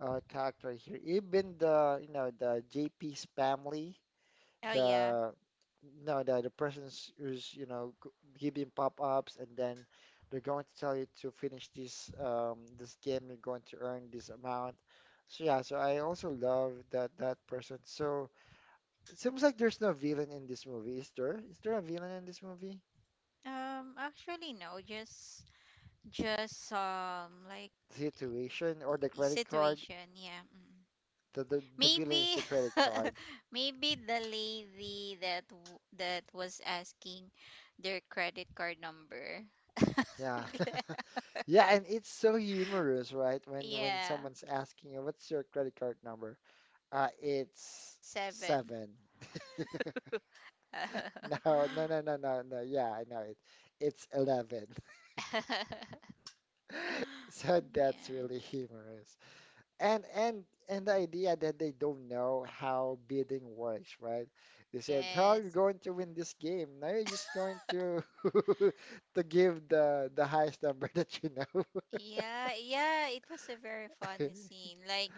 Speaker 1: uh, character here. Even the you know the J P's family,
Speaker 2: Oh yeah.
Speaker 1: the no the the person's who's you know g- giving pop-ups, and then they're going to tell you to finish this um, this game. You're going to earn this amount. So yeah, so I also love that that person. So it seems like there's no villain in this movie. Is there? Is there a villain in this movie?
Speaker 2: Um actually no, just just um like
Speaker 1: Situation or the
Speaker 2: y-
Speaker 1: credit card?
Speaker 2: situation. Yeah. Mm.
Speaker 1: The the, the villain
Speaker 2: Maybe,
Speaker 1: is the credit card.
Speaker 2: maybe the lady that w- that was asking their credit card number.
Speaker 1: Yeah.
Speaker 2: Yeah.
Speaker 1: Yeah, and it's so humorous, right? When when
Speaker 2: Yeah.
Speaker 1: someone's asking you, "What's your credit card number?" Uh, it's
Speaker 2: seven.
Speaker 1: seven. No, no, no, no, no, no. Yeah, I know it. It's eleven. So that's
Speaker 2: Yeah.
Speaker 1: really humorous. And and and the idea that they don't know how bidding works, right? They said, "How you're
Speaker 2: Yes.
Speaker 1: going to win this game?" Now you're just going to to give the the highest number that you know.
Speaker 2: Yeah, yeah, it was a very funny scene. Like,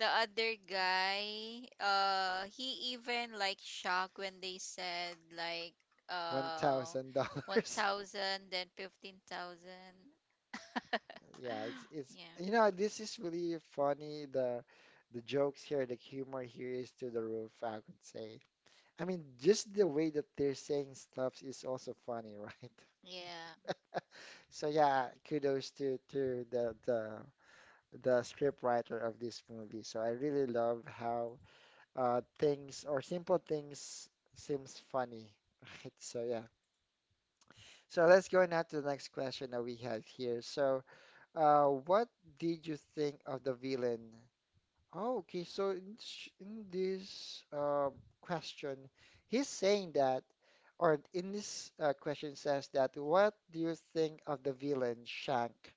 Speaker 2: the other guy, uh, he even like shocked when they said like
Speaker 1: One
Speaker 2: uh
Speaker 1: thousand dollars.
Speaker 2: one thousand then fifteen thousand.
Speaker 1: Yeah, it's it's you
Speaker 2: Yeah.
Speaker 1: know this is really funny. The the jokes here, the humor here is to the roof, I could say. I mean, just the way that they're saying stuff is also funny, right?
Speaker 2: Yeah.
Speaker 1: So yeah, kudos to to the the the script writer of this movie. So I really love how uh things or simple things seems funny, right? So yeah. So let's go now to the next question that we have here. So. Uh, what did you think of the villain? Oh, okay, so in, sh- in this uh, question, he's saying that, or in this uh, question says that, what do you think of the villain Shank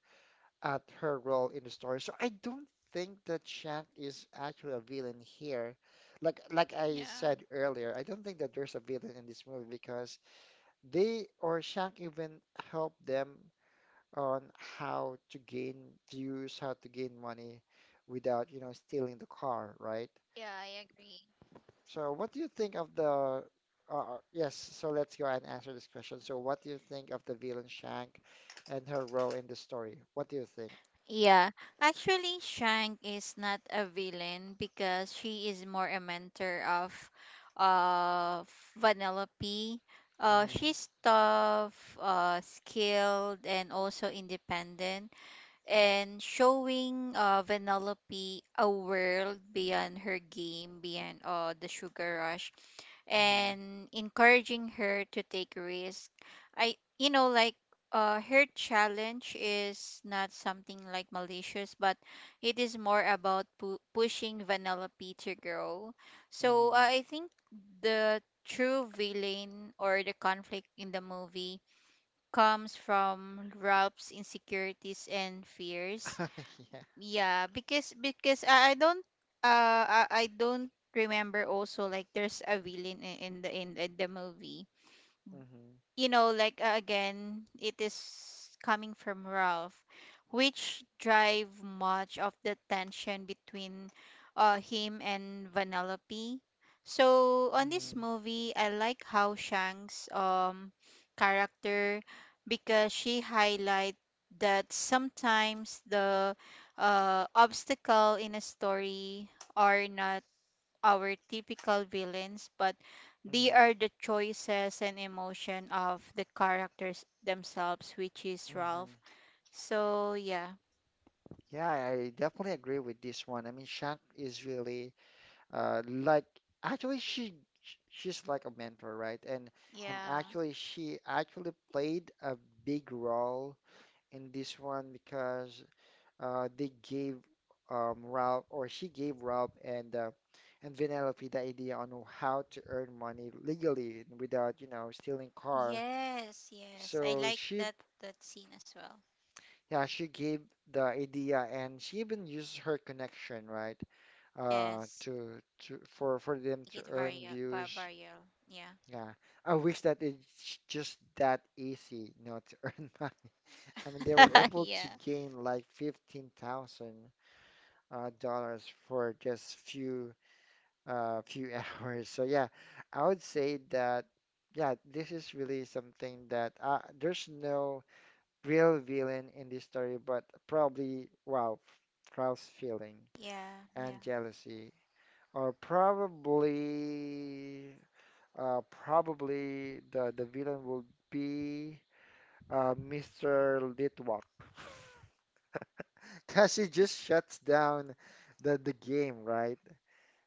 Speaker 1: at her role in the story? So I don't think that Shank is actually a villain here. Like like I
Speaker 2: Yeah.
Speaker 1: said earlier, I don't think that there's a villain in this movie because they or Shank even helped them on how to gain views, how to gain money without, you know, stealing the car, right?
Speaker 2: Yeah, I agree.
Speaker 1: So what do you think of the uh, uh, yes, so let's go ahead and answer this question. So what do you think of the villain Shank and her role in the story? What do you think?
Speaker 2: Yeah, actually, Shang is not a villain because she is more a mentor of uh Vanellope. Uh,
Speaker 1: Hmm.
Speaker 2: she's tough, uh, skilled, and also independent and showing uh, Vanellope a world beyond her game, beyond uh, the sugar rush,
Speaker 1: Hmm.
Speaker 2: and encouraging her to take risks. I, you know, like uh, Her challenge is not something like malicious, but it is more about pu- pushing Vanellope to grow. So uh,
Speaker 1: Hmm.
Speaker 2: I think the true villain or the conflict in the movie comes from Ralph's insecurities and fears.
Speaker 1: Yeah.
Speaker 2: Yeah, because because I, I don't uh I, I don't remember also like there's a villain in, in the in, in the movie
Speaker 1: Mhm.
Speaker 2: you know, like uh, again, it is coming from Ralph, which drive much of the tension between uh, him and Vanellope. So on this
Speaker 1: mhm,
Speaker 2: movie, I like how Shang's um character because she highlight that sometimes the uh, obstacle in a story are not our typical villains, but they
Speaker 1: mhm,
Speaker 2: are the choices and emotion of the characters themselves, which is Ralph.
Speaker 1: mhm.
Speaker 2: So yeah.
Speaker 1: Yeah, I definitely agree with this one. I mean, Shank is really, Uh, like actually she sh- she's like a mentor, right? And and
Speaker 2: Yeah.
Speaker 1: actually she actually played a big role in this one because uh they gave um Ralph or she gave Ralph and uh, and Vanellope the idea on how to earn money legally and without, you know, stealing car.
Speaker 2: Yes, yes. I
Speaker 1: So
Speaker 2: like
Speaker 1: she
Speaker 2: that that scene as well.
Speaker 1: Yeah, she gave the idea and she even uses her connection, right? uh
Speaker 2: Yes.
Speaker 1: to to for for them
Speaker 2: Make
Speaker 1: to
Speaker 2: it
Speaker 1: earn
Speaker 2: viral. vi-
Speaker 1: views.
Speaker 2: Viral. Yeah.
Speaker 1: Yeah, I wish that it's just that easy, you know, to earn money. I mean, they were able to
Speaker 2: Yeah.
Speaker 1: gain like fifteen thousand uh, dollars for just few uh, few hours. So yeah, I would say that yeah, this is really something that uh, there's no real villain in this story, but probably wow, Klaus feeling
Speaker 2: Yeah.
Speaker 1: and
Speaker 2: Yeah.
Speaker 1: jealousy, or probably. Uh, probably the the villain will be uh, Mister Litwak. because he just shuts down the the game, right?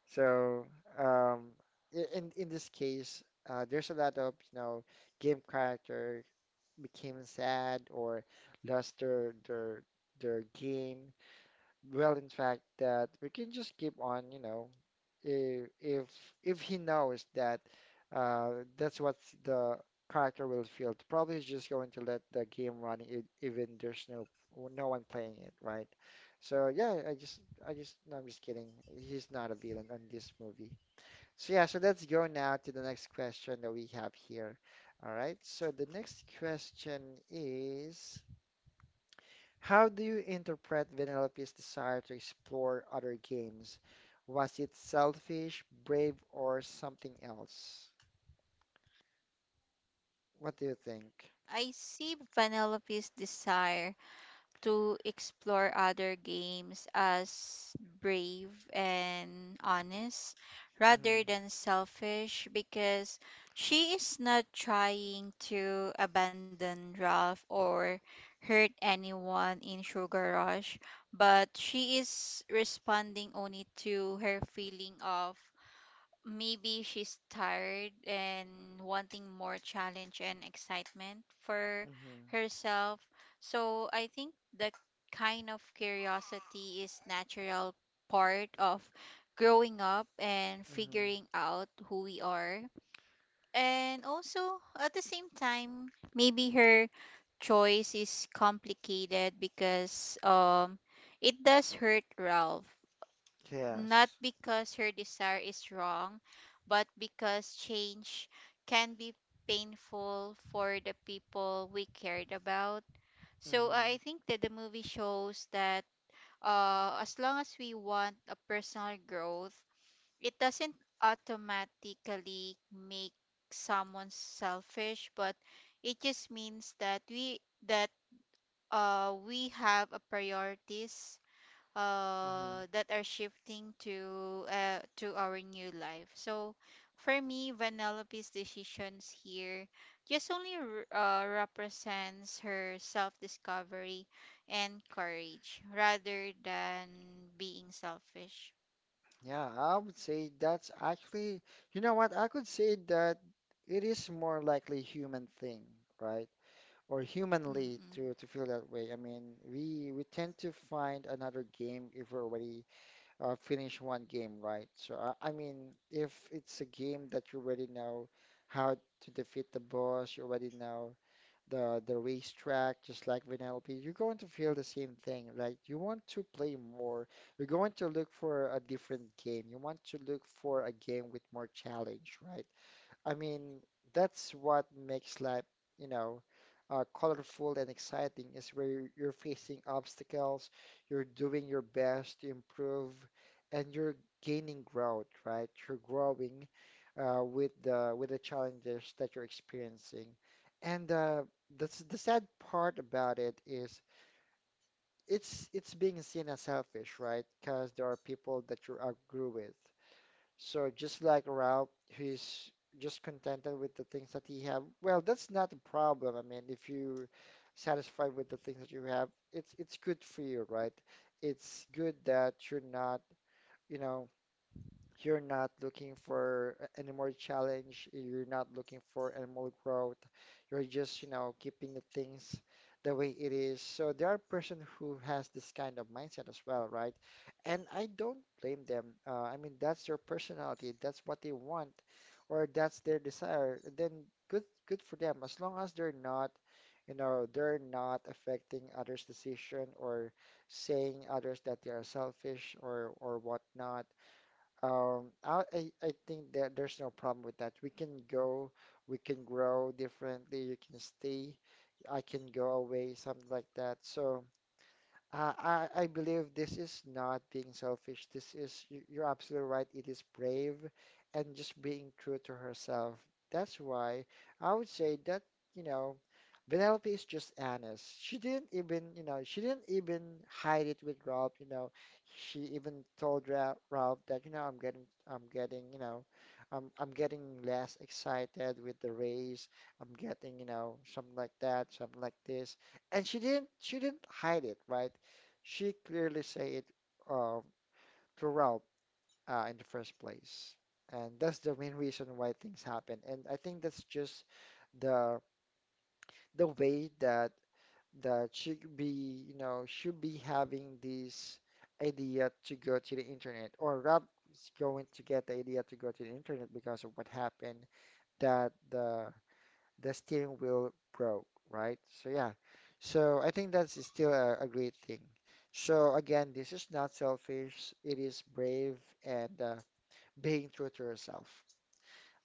Speaker 1: So um, i- in in this case, uh, there's a lot of you know game character became sad or lost their their their game. Well, in fact, that we can just keep on, you know, if if if he knows that uh, that's what the character will feel, probably he's just going to let the game run e- even there's no no one playing it, right? So yeah, I just I just no, I'm just kidding. He's not a villain in this movie. So yeah, so let's go now to the next question that we have here. All right. So the next question is. How do you interpret Vanellope's desire to explore other games? Was it selfish, brave, or something else? What do you think?
Speaker 2: I see Penelope's desire to explore other games as brave and honest
Speaker 1: Mm-hmm.
Speaker 2: rather than selfish because she is not trying to abandon Ralph or hurt anyone in Sugar Rush, but she is responding only to her feeling of maybe she's tired and wanting more challenge and excitement for
Speaker 1: mm-hmm,
Speaker 2: herself. So I think the kind of curiosity is natural part of growing up and
Speaker 1: mm-hmm.
Speaker 2: figuring out who we are. And also at the same time, maybe her choice is complicated because um it does hurt Ralph, not
Speaker 1: Yes.
Speaker 2: because her desire is wrong, but because change can be painful for the people we cared about. So uh,
Speaker 1: Mm-hmm,
Speaker 2: I think that the movie shows that uh, as long as we want a personal growth, it doesn't automatically make someone selfish, but it just means that we that uh, we have a priorities
Speaker 1: mm-hmm.
Speaker 2: uh, that are shifting to uh, to our new life. So for me, Vanellope's decisions here just only r- uh, represents her self-discovery and courage rather than being selfish.
Speaker 1: Yeah, I would say that's actually, you know what? I could say that it is more likely human thing, right? Or humanly
Speaker 2: Mm-mm.
Speaker 1: to to feel that way. I mean, we we tend to find another game if we're already uh, finish one game, right? So, I, I mean, if it's a game that you already know how to defeat the boss, you already know the the racetrack, just like Vanellope, you're going to feel the same thing. Like you want to play more. You're going to look for a different game. You want to look for a game with more challenge, right? I mean, that's what makes life, you know, uh, colorful and exciting is where you're you're facing obstacles, you're doing your best to improve, and you're gaining growth, right? You're growing uh, with the with the challenges that you're experiencing. And uh, the s- the sad part about it is it's it's being seen as selfish, right? Because there are people that you outgrew with. So just like Ralph, he's just contented with the things that he have. Well, that's not a problem. I mean, if you're satisfied with the things that you have, it's it's good for you, right? It's good that you're not, you know. You're not looking for a- any more challenge. You're not looking for any more growth. You're just, you know, keeping the things the way it is. So there are person who has this kind of mindset as well, right? And I don't blame them. Uh, I mean, that's their personality. That's what they want, or that's their desire. Then good, good for them. As long as they're not, you know, they're not affecting others' decision or saying others that they are selfish or or whatnot. Um, I, I I think that there's no problem with that. We can go, we can grow differently. You can stay, I can go away, something like that. So, uh, I, I believe this is not being selfish. This is, you- you're absolutely right. It is brave and just being true to herself. That's why I would say that, you know, Penelope is just honest. She didn't even, you know, she didn't even hide it with Ralph, you know. She even told Ra Ralph that, you know, I'm getting, I'm getting, you know, I'm, I'm getting less excited with the race. I'm getting, you know, something like that, something like this. And she didn't, she didn't hide it, right? She clearly say it uh, to throughout uh, in the first place. And that's the main reason why things happen. And I think that's just the the way that that should be, you know, should be having this idea to go to the internet, or Rob is going to get the idea to go to the internet because of what happened that the the steering wheel broke, right? So yeah, so I think that's still a, a great thing. So again, this is not selfish. It is brave and uh, being true to yourself.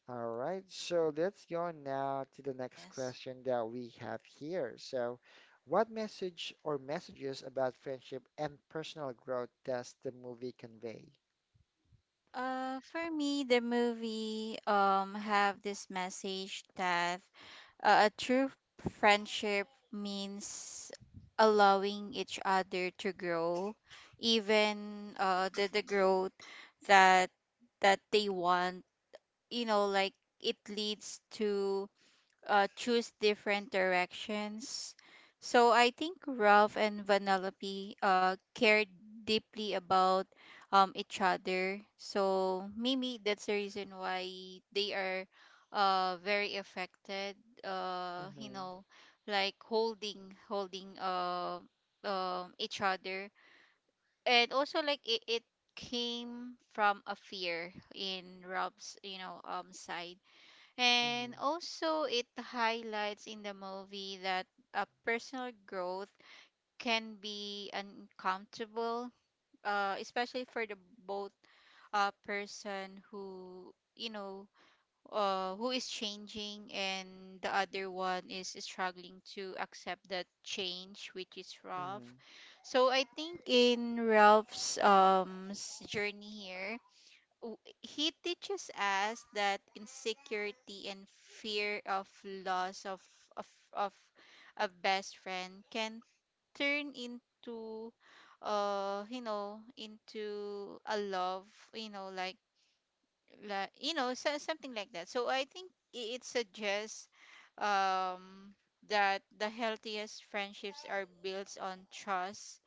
Speaker 1: All right, so let's go now to the next
Speaker 2: Yes.
Speaker 1: question that we have here. So, what message or messages about friendship and personal growth does the movie convey?
Speaker 2: Uh, for me, the movie um have this message that uh, a true friendship means allowing each other to grow, even uh the the growth that that they want. You know, like it leads to uh, choose different directions. So I think Ralph and Vanellope uh, cared deeply about um, each other. So maybe that's the reason why they are uh, very affected. Uh, you
Speaker 1: Mm-hmm,
Speaker 2: know, like holding holding uh, um, each other, and also like it, it came from a fear in Rob's, you know, um side.
Speaker 1: mm-hmm,
Speaker 2: And also, it highlights in the movie that uh, personal growth can be uncomfortable, uh, especially for the both uh, person who, you know, uh, who is changing and the other one is struggling to accept that change, which is
Speaker 1: mm-hmm,
Speaker 2: Ralph. So I think in Ralph's um s- journey here w- he teaches us that insecurity and fear of loss of of of a best friend can turn into uh you know, into a love, you know, like like you know so, something like that. So i think i- it suggests um that the healthiest friendships are built on trust,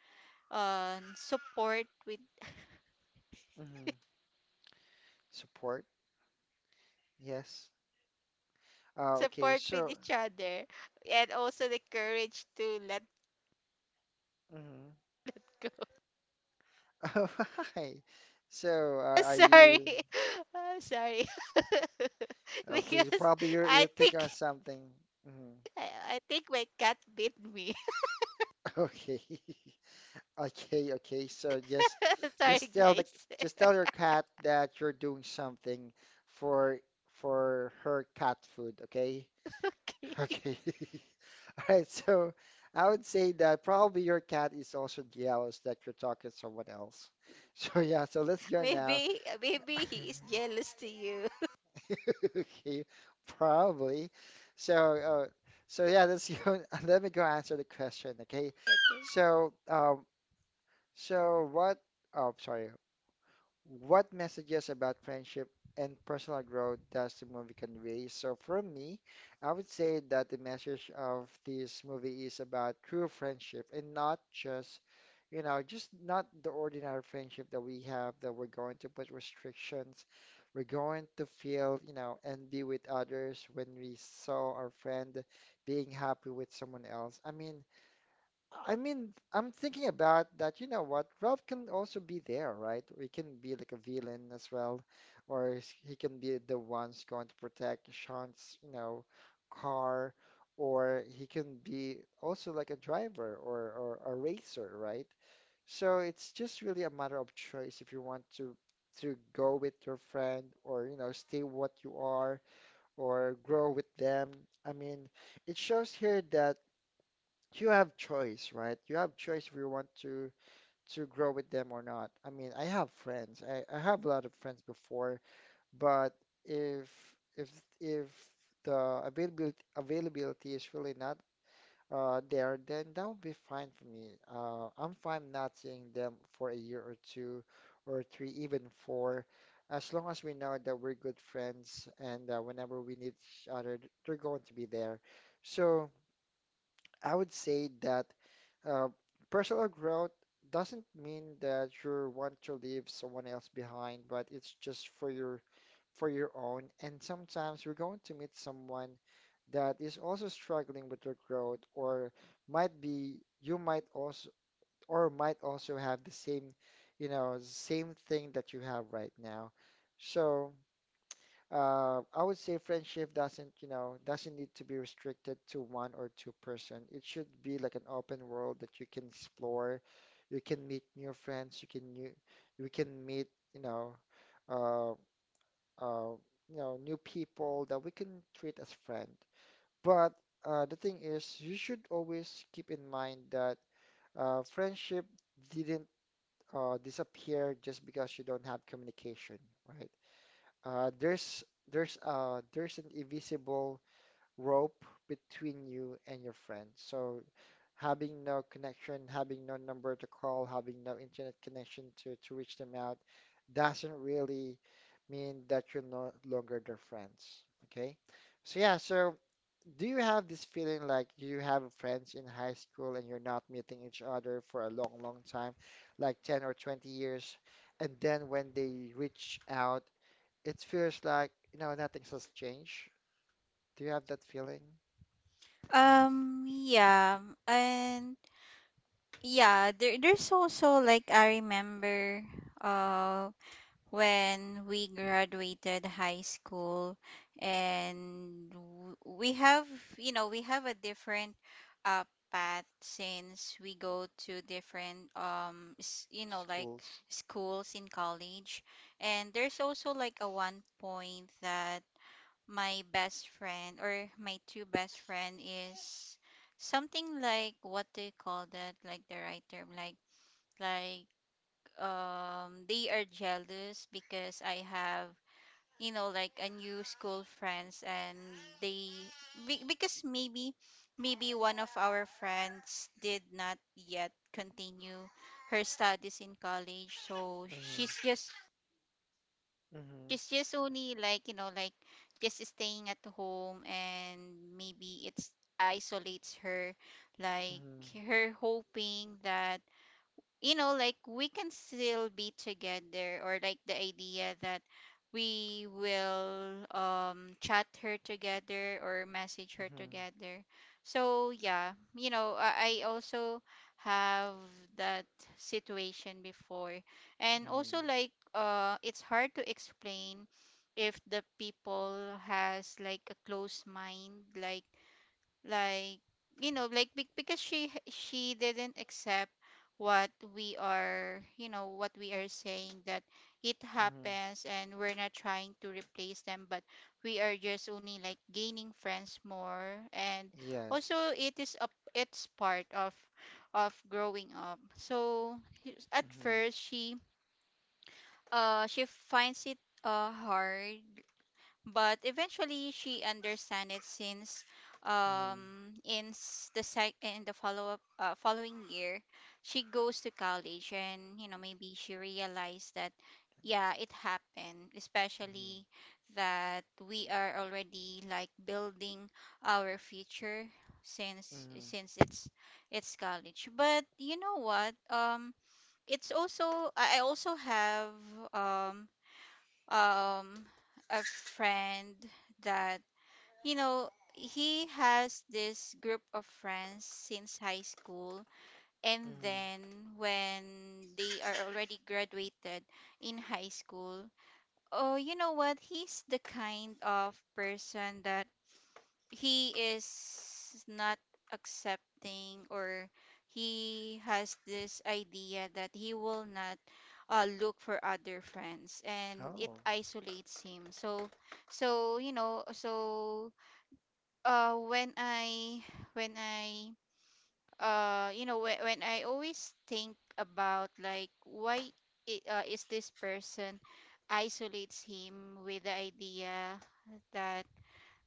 Speaker 2: on support with.
Speaker 1: mm-hmm. Support, yes. Uh, okay,
Speaker 2: Support with
Speaker 1: so.
Speaker 2: each other, and also the courage to let
Speaker 1: Mhm.
Speaker 2: go.
Speaker 1: Oh, hi. So, uh, are
Speaker 2: Sorry.
Speaker 1: you
Speaker 2: Uh, sorry.
Speaker 1: okay? You
Speaker 2: Because
Speaker 1: probably you're
Speaker 2: I
Speaker 1: you're thinking
Speaker 2: think
Speaker 1: of something. Mhm.
Speaker 2: I, I think my cat bit me.
Speaker 1: Okay. Okay, okay. So just
Speaker 2: Sorry
Speaker 1: just tell the
Speaker 2: guys.
Speaker 1: just tell your cat that you're doing something for for her cat food, okay?
Speaker 2: Okay.
Speaker 1: Okay. All right, so I would say that probably your cat is also jealous that you're talking to someone else. So yeah, so let's go now.
Speaker 2: Maybe maybe he is jealous to you.
Speaker 1: Okay, probably. So, uh, so yeah, let's go. Let me go answer the question. Okay.
Speaker 2: Okay.
Speaker 1: So, um, so what? Oh, sorry. What messages about friendship and personal growth does the movie convey? So, from me, I would say that the message of this movie is about true friendship and not just, you know, just not the ordinary friendship that we have that we're going to put restrictions. We're going to feel, you know, envy with others when we saw our friend being happy with someone else. I mean, I mean, I'm thinking about that. You know what? Ralph can also be there, right? He can be like a villain as well, or s- he can be the ones going to protect Sean's, you know, car, or he can be also like a driver or, or a racer, right? So it's just really a matter of choice if you want to to go with your friend or, you know, stay what you are or grow with them. I mean, it shows here that you have choice, right? You have choice if you want to to grow with them or not. I mean, I have friends. I, I have a lot of friends before, but if if if the availability availability is really not uh, there, then that would be fine for me. Uh, I'm fine not seeing them for a year or two or three, even four, as long as we know that we're good friends and uh, whenever we need each other, they're going to be there. So I would say that uh, personal growth doesn't mean that you want to leave someone else behind, but it's just for your for your own. And sometimes you're going to meet someone that is also struggling with their growth, or might be you might also or might also have the same, you know, same thing that you have right now. So uh, I would say friendship doesn't, you know, doesn't need to be restricted to one or two person. It should be like an open world that you can explore. You can meet new friends. You can new, you can meet, you know, uh, uh, you know, new people that we can treat as friend. But uh, the thing is, you should always keep in mind that uh, friendship didn't uh, disappear just because you don't have communication, right? Uh, there's there's uh there's an invisible rope between you and your friend. So having no connection, having no number to call, having no internet connection to to reach them out doesn't really mean that you're no longer their friends. Okay? So yeah, so do you have this feeling like you have friends in high school and you're not meeting each other for a long, long time, like ten or twenty years, and then when they reach out, it feels like, you know, nothing has changed? Do you have that feeling?
Speaker 2: Um, yeah, and yeah, there, there's also like I remember, uh, when we graduated high school and w- we have, you know, we have a different uh, path since we go to different um s- you know, like
Speaker 1: Schools.
Speaker 2: schools in college. And there's also like a one point that my best friend or my two best friend is something like what they call that, like the right term, like like um they are jealous because I have, you know, like a new school friends. And they be- because maybe maybe one of our friends did not yet continue her studies in college, so she's
Speaker 1: Mm-hmm.
Speaker 2: just
Speaker 1: Mm-hmm.
Speaker 2: she's just only like, you know, like just staying at home. And maybe it's isolates her, like
Speaker 1: Mm-hmm.
Speaker 2: her hoping that, you know, like we can still be together, or like the idea that we will um chat her together or message her together. So yeah, you know, i, I also have that situation before. And
Speaker 1: Mm-hmm. Mm-hmm.
Speaker 2: also like uh it's hard to explain if the people has like a close mind, like like you know, like be- because she she didn't accept what we are, you know, what we are saying, that it
Speaker 1: Mm-hmm.
Speaker 2: happens and we're not trying to replace them, but we are just only like gaining friends more. And also
Speaker 1: Yes.
Speaker 2: it is a it's part of of growing up. So at
Speaker 1: Mm-hmm.
Speaker 2: first, she, Uh, she finds it uh hard, but eventually she understand it since
Speaker 1: Mm-hmm.
Speaker 2: um in s- the sec in the follow up, uh, following year, she goes to college, and you know, maybe she realized that yeah, it happened,
Speaker 1: Mm-hmm.
Speaker 2: especially that we are already like building our future, since
Speaker 1: Mm-hmm.
Speaker 2: since it's it's college. But you know what, um it's also, I I also have um um a friend that, you know, he has this group of friends since high school. And
Speaker 1: Mm-hmm.
Speaker 2: then when they are already graduated in high school, oh, you know what, he's the kind of person that he is not accepting, or he has this idea that he will not uh, look for other friends, and it
Speaker 1: Oh.
Speaker 2: isolates him. So, so you know, so uh when i when I uh you know when, when I always think about like, why i- uh, is this person isolates him, with the idea that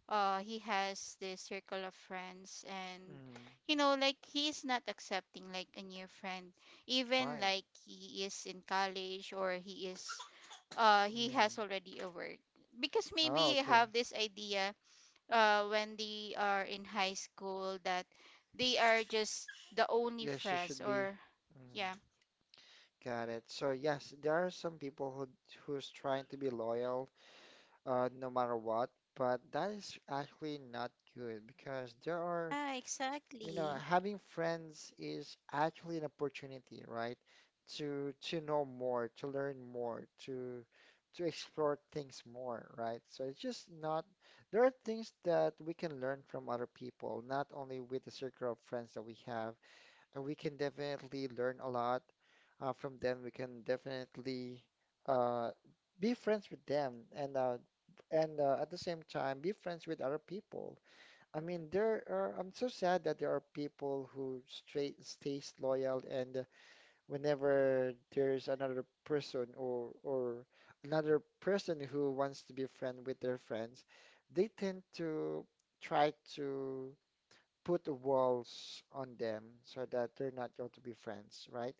Speaker 2: uh he has this circle of friends, and
Speaker 1: Mm-hmm.
Speaker 2: you know, like he is not accepting like a new friend, even
Speaker 1: Why?
Speaker 2: like he is in college, or he is uh he
Speaker 1: Mm-hmm.
Speaker 2: has already a work, because maybe
Speaker 1: Oh,
Speaker 2: he
Speaker 1: okay.
Speaker 2: have this idea uh when they are in high school, that they are just the only
Speaker 1: Yes, you
Speaker 2: friends
Speaker 1: should be.
Speaker 2: or
Speaker 1: Mm.
Speaker 2: yeah.
Speaker 1: Got it. So yes, there are some people who who's trying to be loyal, uh, no matter what, but that is actually not good because there are,
Speaker 2: Yeah,
Speaker 1: you know,
Speaker 2: exactly.
Speaker 1: having friends is actually an opportunity, right? To to know more, to learn more, to to explore things more, right? So it's just not, there are things that we can learn from other people, not only with the circle of friends that we have, uh, we can definitely learn a lot uh, from them. We can definitely uh, be friends with them and uh, and uh, at the same time be friends with other people. I mean, there are, I'm so sad that there are people who straight stays loyal and whenever there's another person or or another person who wants to be friend with their friends, they tend to try to put the walls on them so that they're not going to be friends, right?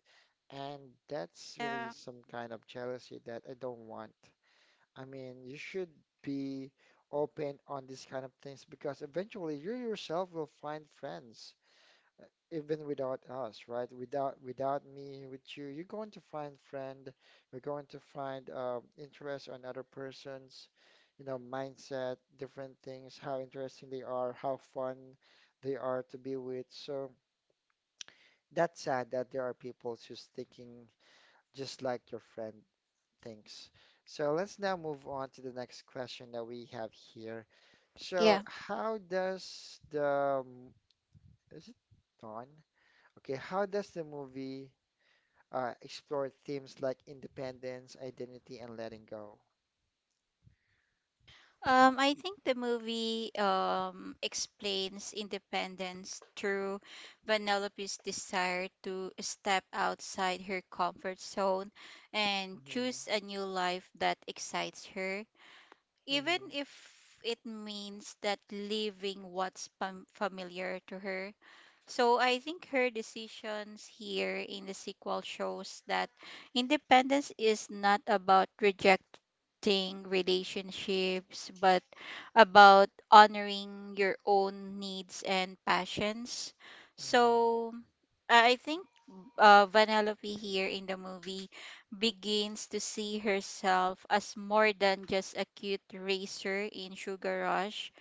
Speaker 1: And that's really
Speaker 2: Yeah.
Speaker 1: some kind of jealousy that I don't want. I mean, you should be open on these kind of things because eventually you yourself will find friends even without us, right? Without without me, with you, you're going to find friend. You're going to find uh, interest on other person's, you know, mindset, different things, how interesting they are, how fun they are to be with. So that's sad that there are people who's thinking just like your friend thinks. So let's now move on to the next question that we have here. So how does the is it on? Okay, how does the movie uh, explored themes like independence, identity, and letting go?
Speaker 2: Um, I think the movie um, explains independence through Vanellope's desire to step outside her comfort zone and
Speaker 1: Hmm.
Speaker 2: choose a new life that excites her, even
Speaker 1: Hmm.
Speaker 2: if it means that leaving what's fam- familiar to her. So I think her decisions here in the sequel shows that independence is not about rejecting relationships, but about honoring your own needs and passions.
Speaker 1: Hmm.
Speaker 2: So I I think uh, Vanellope here in the movie begins to see herself as more than just a cute racer in Sugar Rush,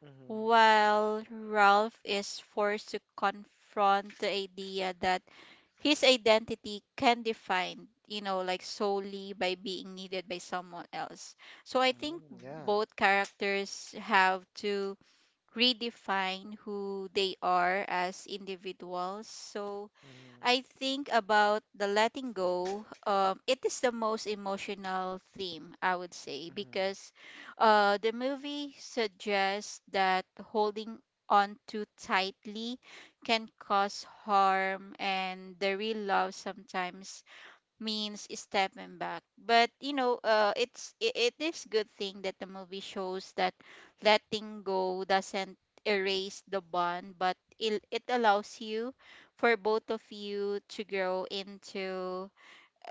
Speaker 1: Hmm.
Speaker 2: while Ralph is forced to confront the idea that his identity can define, you know, like solely by being needed by someone else. So I think
Speaker 1: Hmm. Yeah.
Speaker 2: both characters have to redefine who they are as individuals. So
Speaker 1: Hmm.
Speaker 2: I think about the letting go. Um, it is the most emotional theme, I would say,
Speaker 1: Hmm.
Speaker 2: because uh, the movie suggests that holding on too tightly can cause harm, and the real love sometimes means stepping back. But you know, uh, it's it, it is good thing that the movie shows that letting go doesn't erase the bond, but it it allows you for both of you to grow into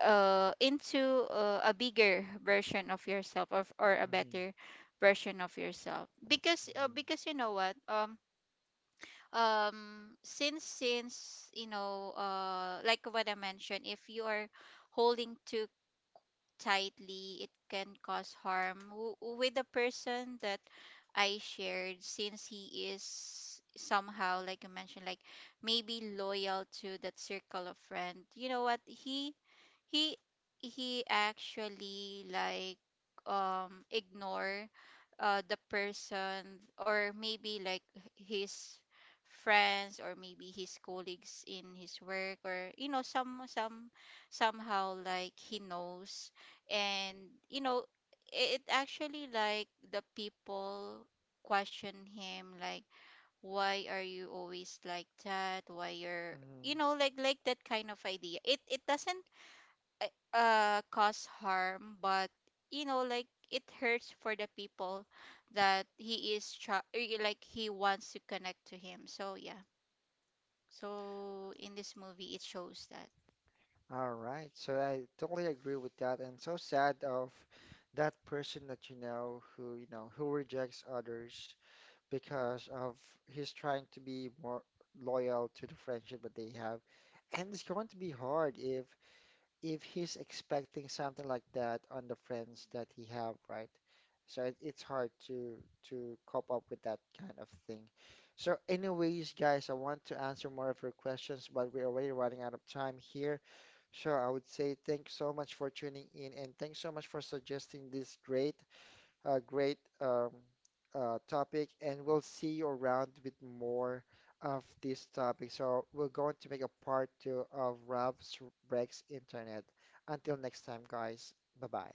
Speaker 2: uh into uh, a bigger version of yourself, or or a
Speaker 1: Hmm.
Speaker 2: better version of yourself. Because uh,
Speaker 1: Hmm.
Speaker 2: because you know what, um um since since you know, uh like what I mentioned, if you are holding too tightly, it can cause harm w- with the person that I shared, since he is somehow, like you mentioned, like maybe loyal to that circle of friend. You know what? He he he actually like um ignore uh the person, or maybe like his friends, or maybe his colleagues in his work, or you know, some some somehow like he knows. And you know, it actually like the people question him like, why are you always like that, why you're, you
Speaker 1: Hmm.
Speaker 2: know, like like that kind of idea. it it doesn't uh uh, cause harm, but you know, like it hurts for the people that he is tra- eh, like he wants to connect to him. So yeah, so in this movie it shows that
Speaker 1: All right. So I totally agree with that, and so sad of that person that you know who you know who rejects others because of he's trying to be more loyal to the friendship that they have, and it's going to be hard if if he's expecting something like that on the friends that he have, right? So it, it's hard to to cope up with that kind of thing. So anyways, guys, I want to answer more of your questions, but we're already running out of time here. So I would say thanks so much for tuning in and thanks so much for suggesting these great a great um, uh, topic, and we'll see you around with more of this topic. So we're going to make a part two of Ralph's Breaks Internet. Until next time, guys. Bye bye.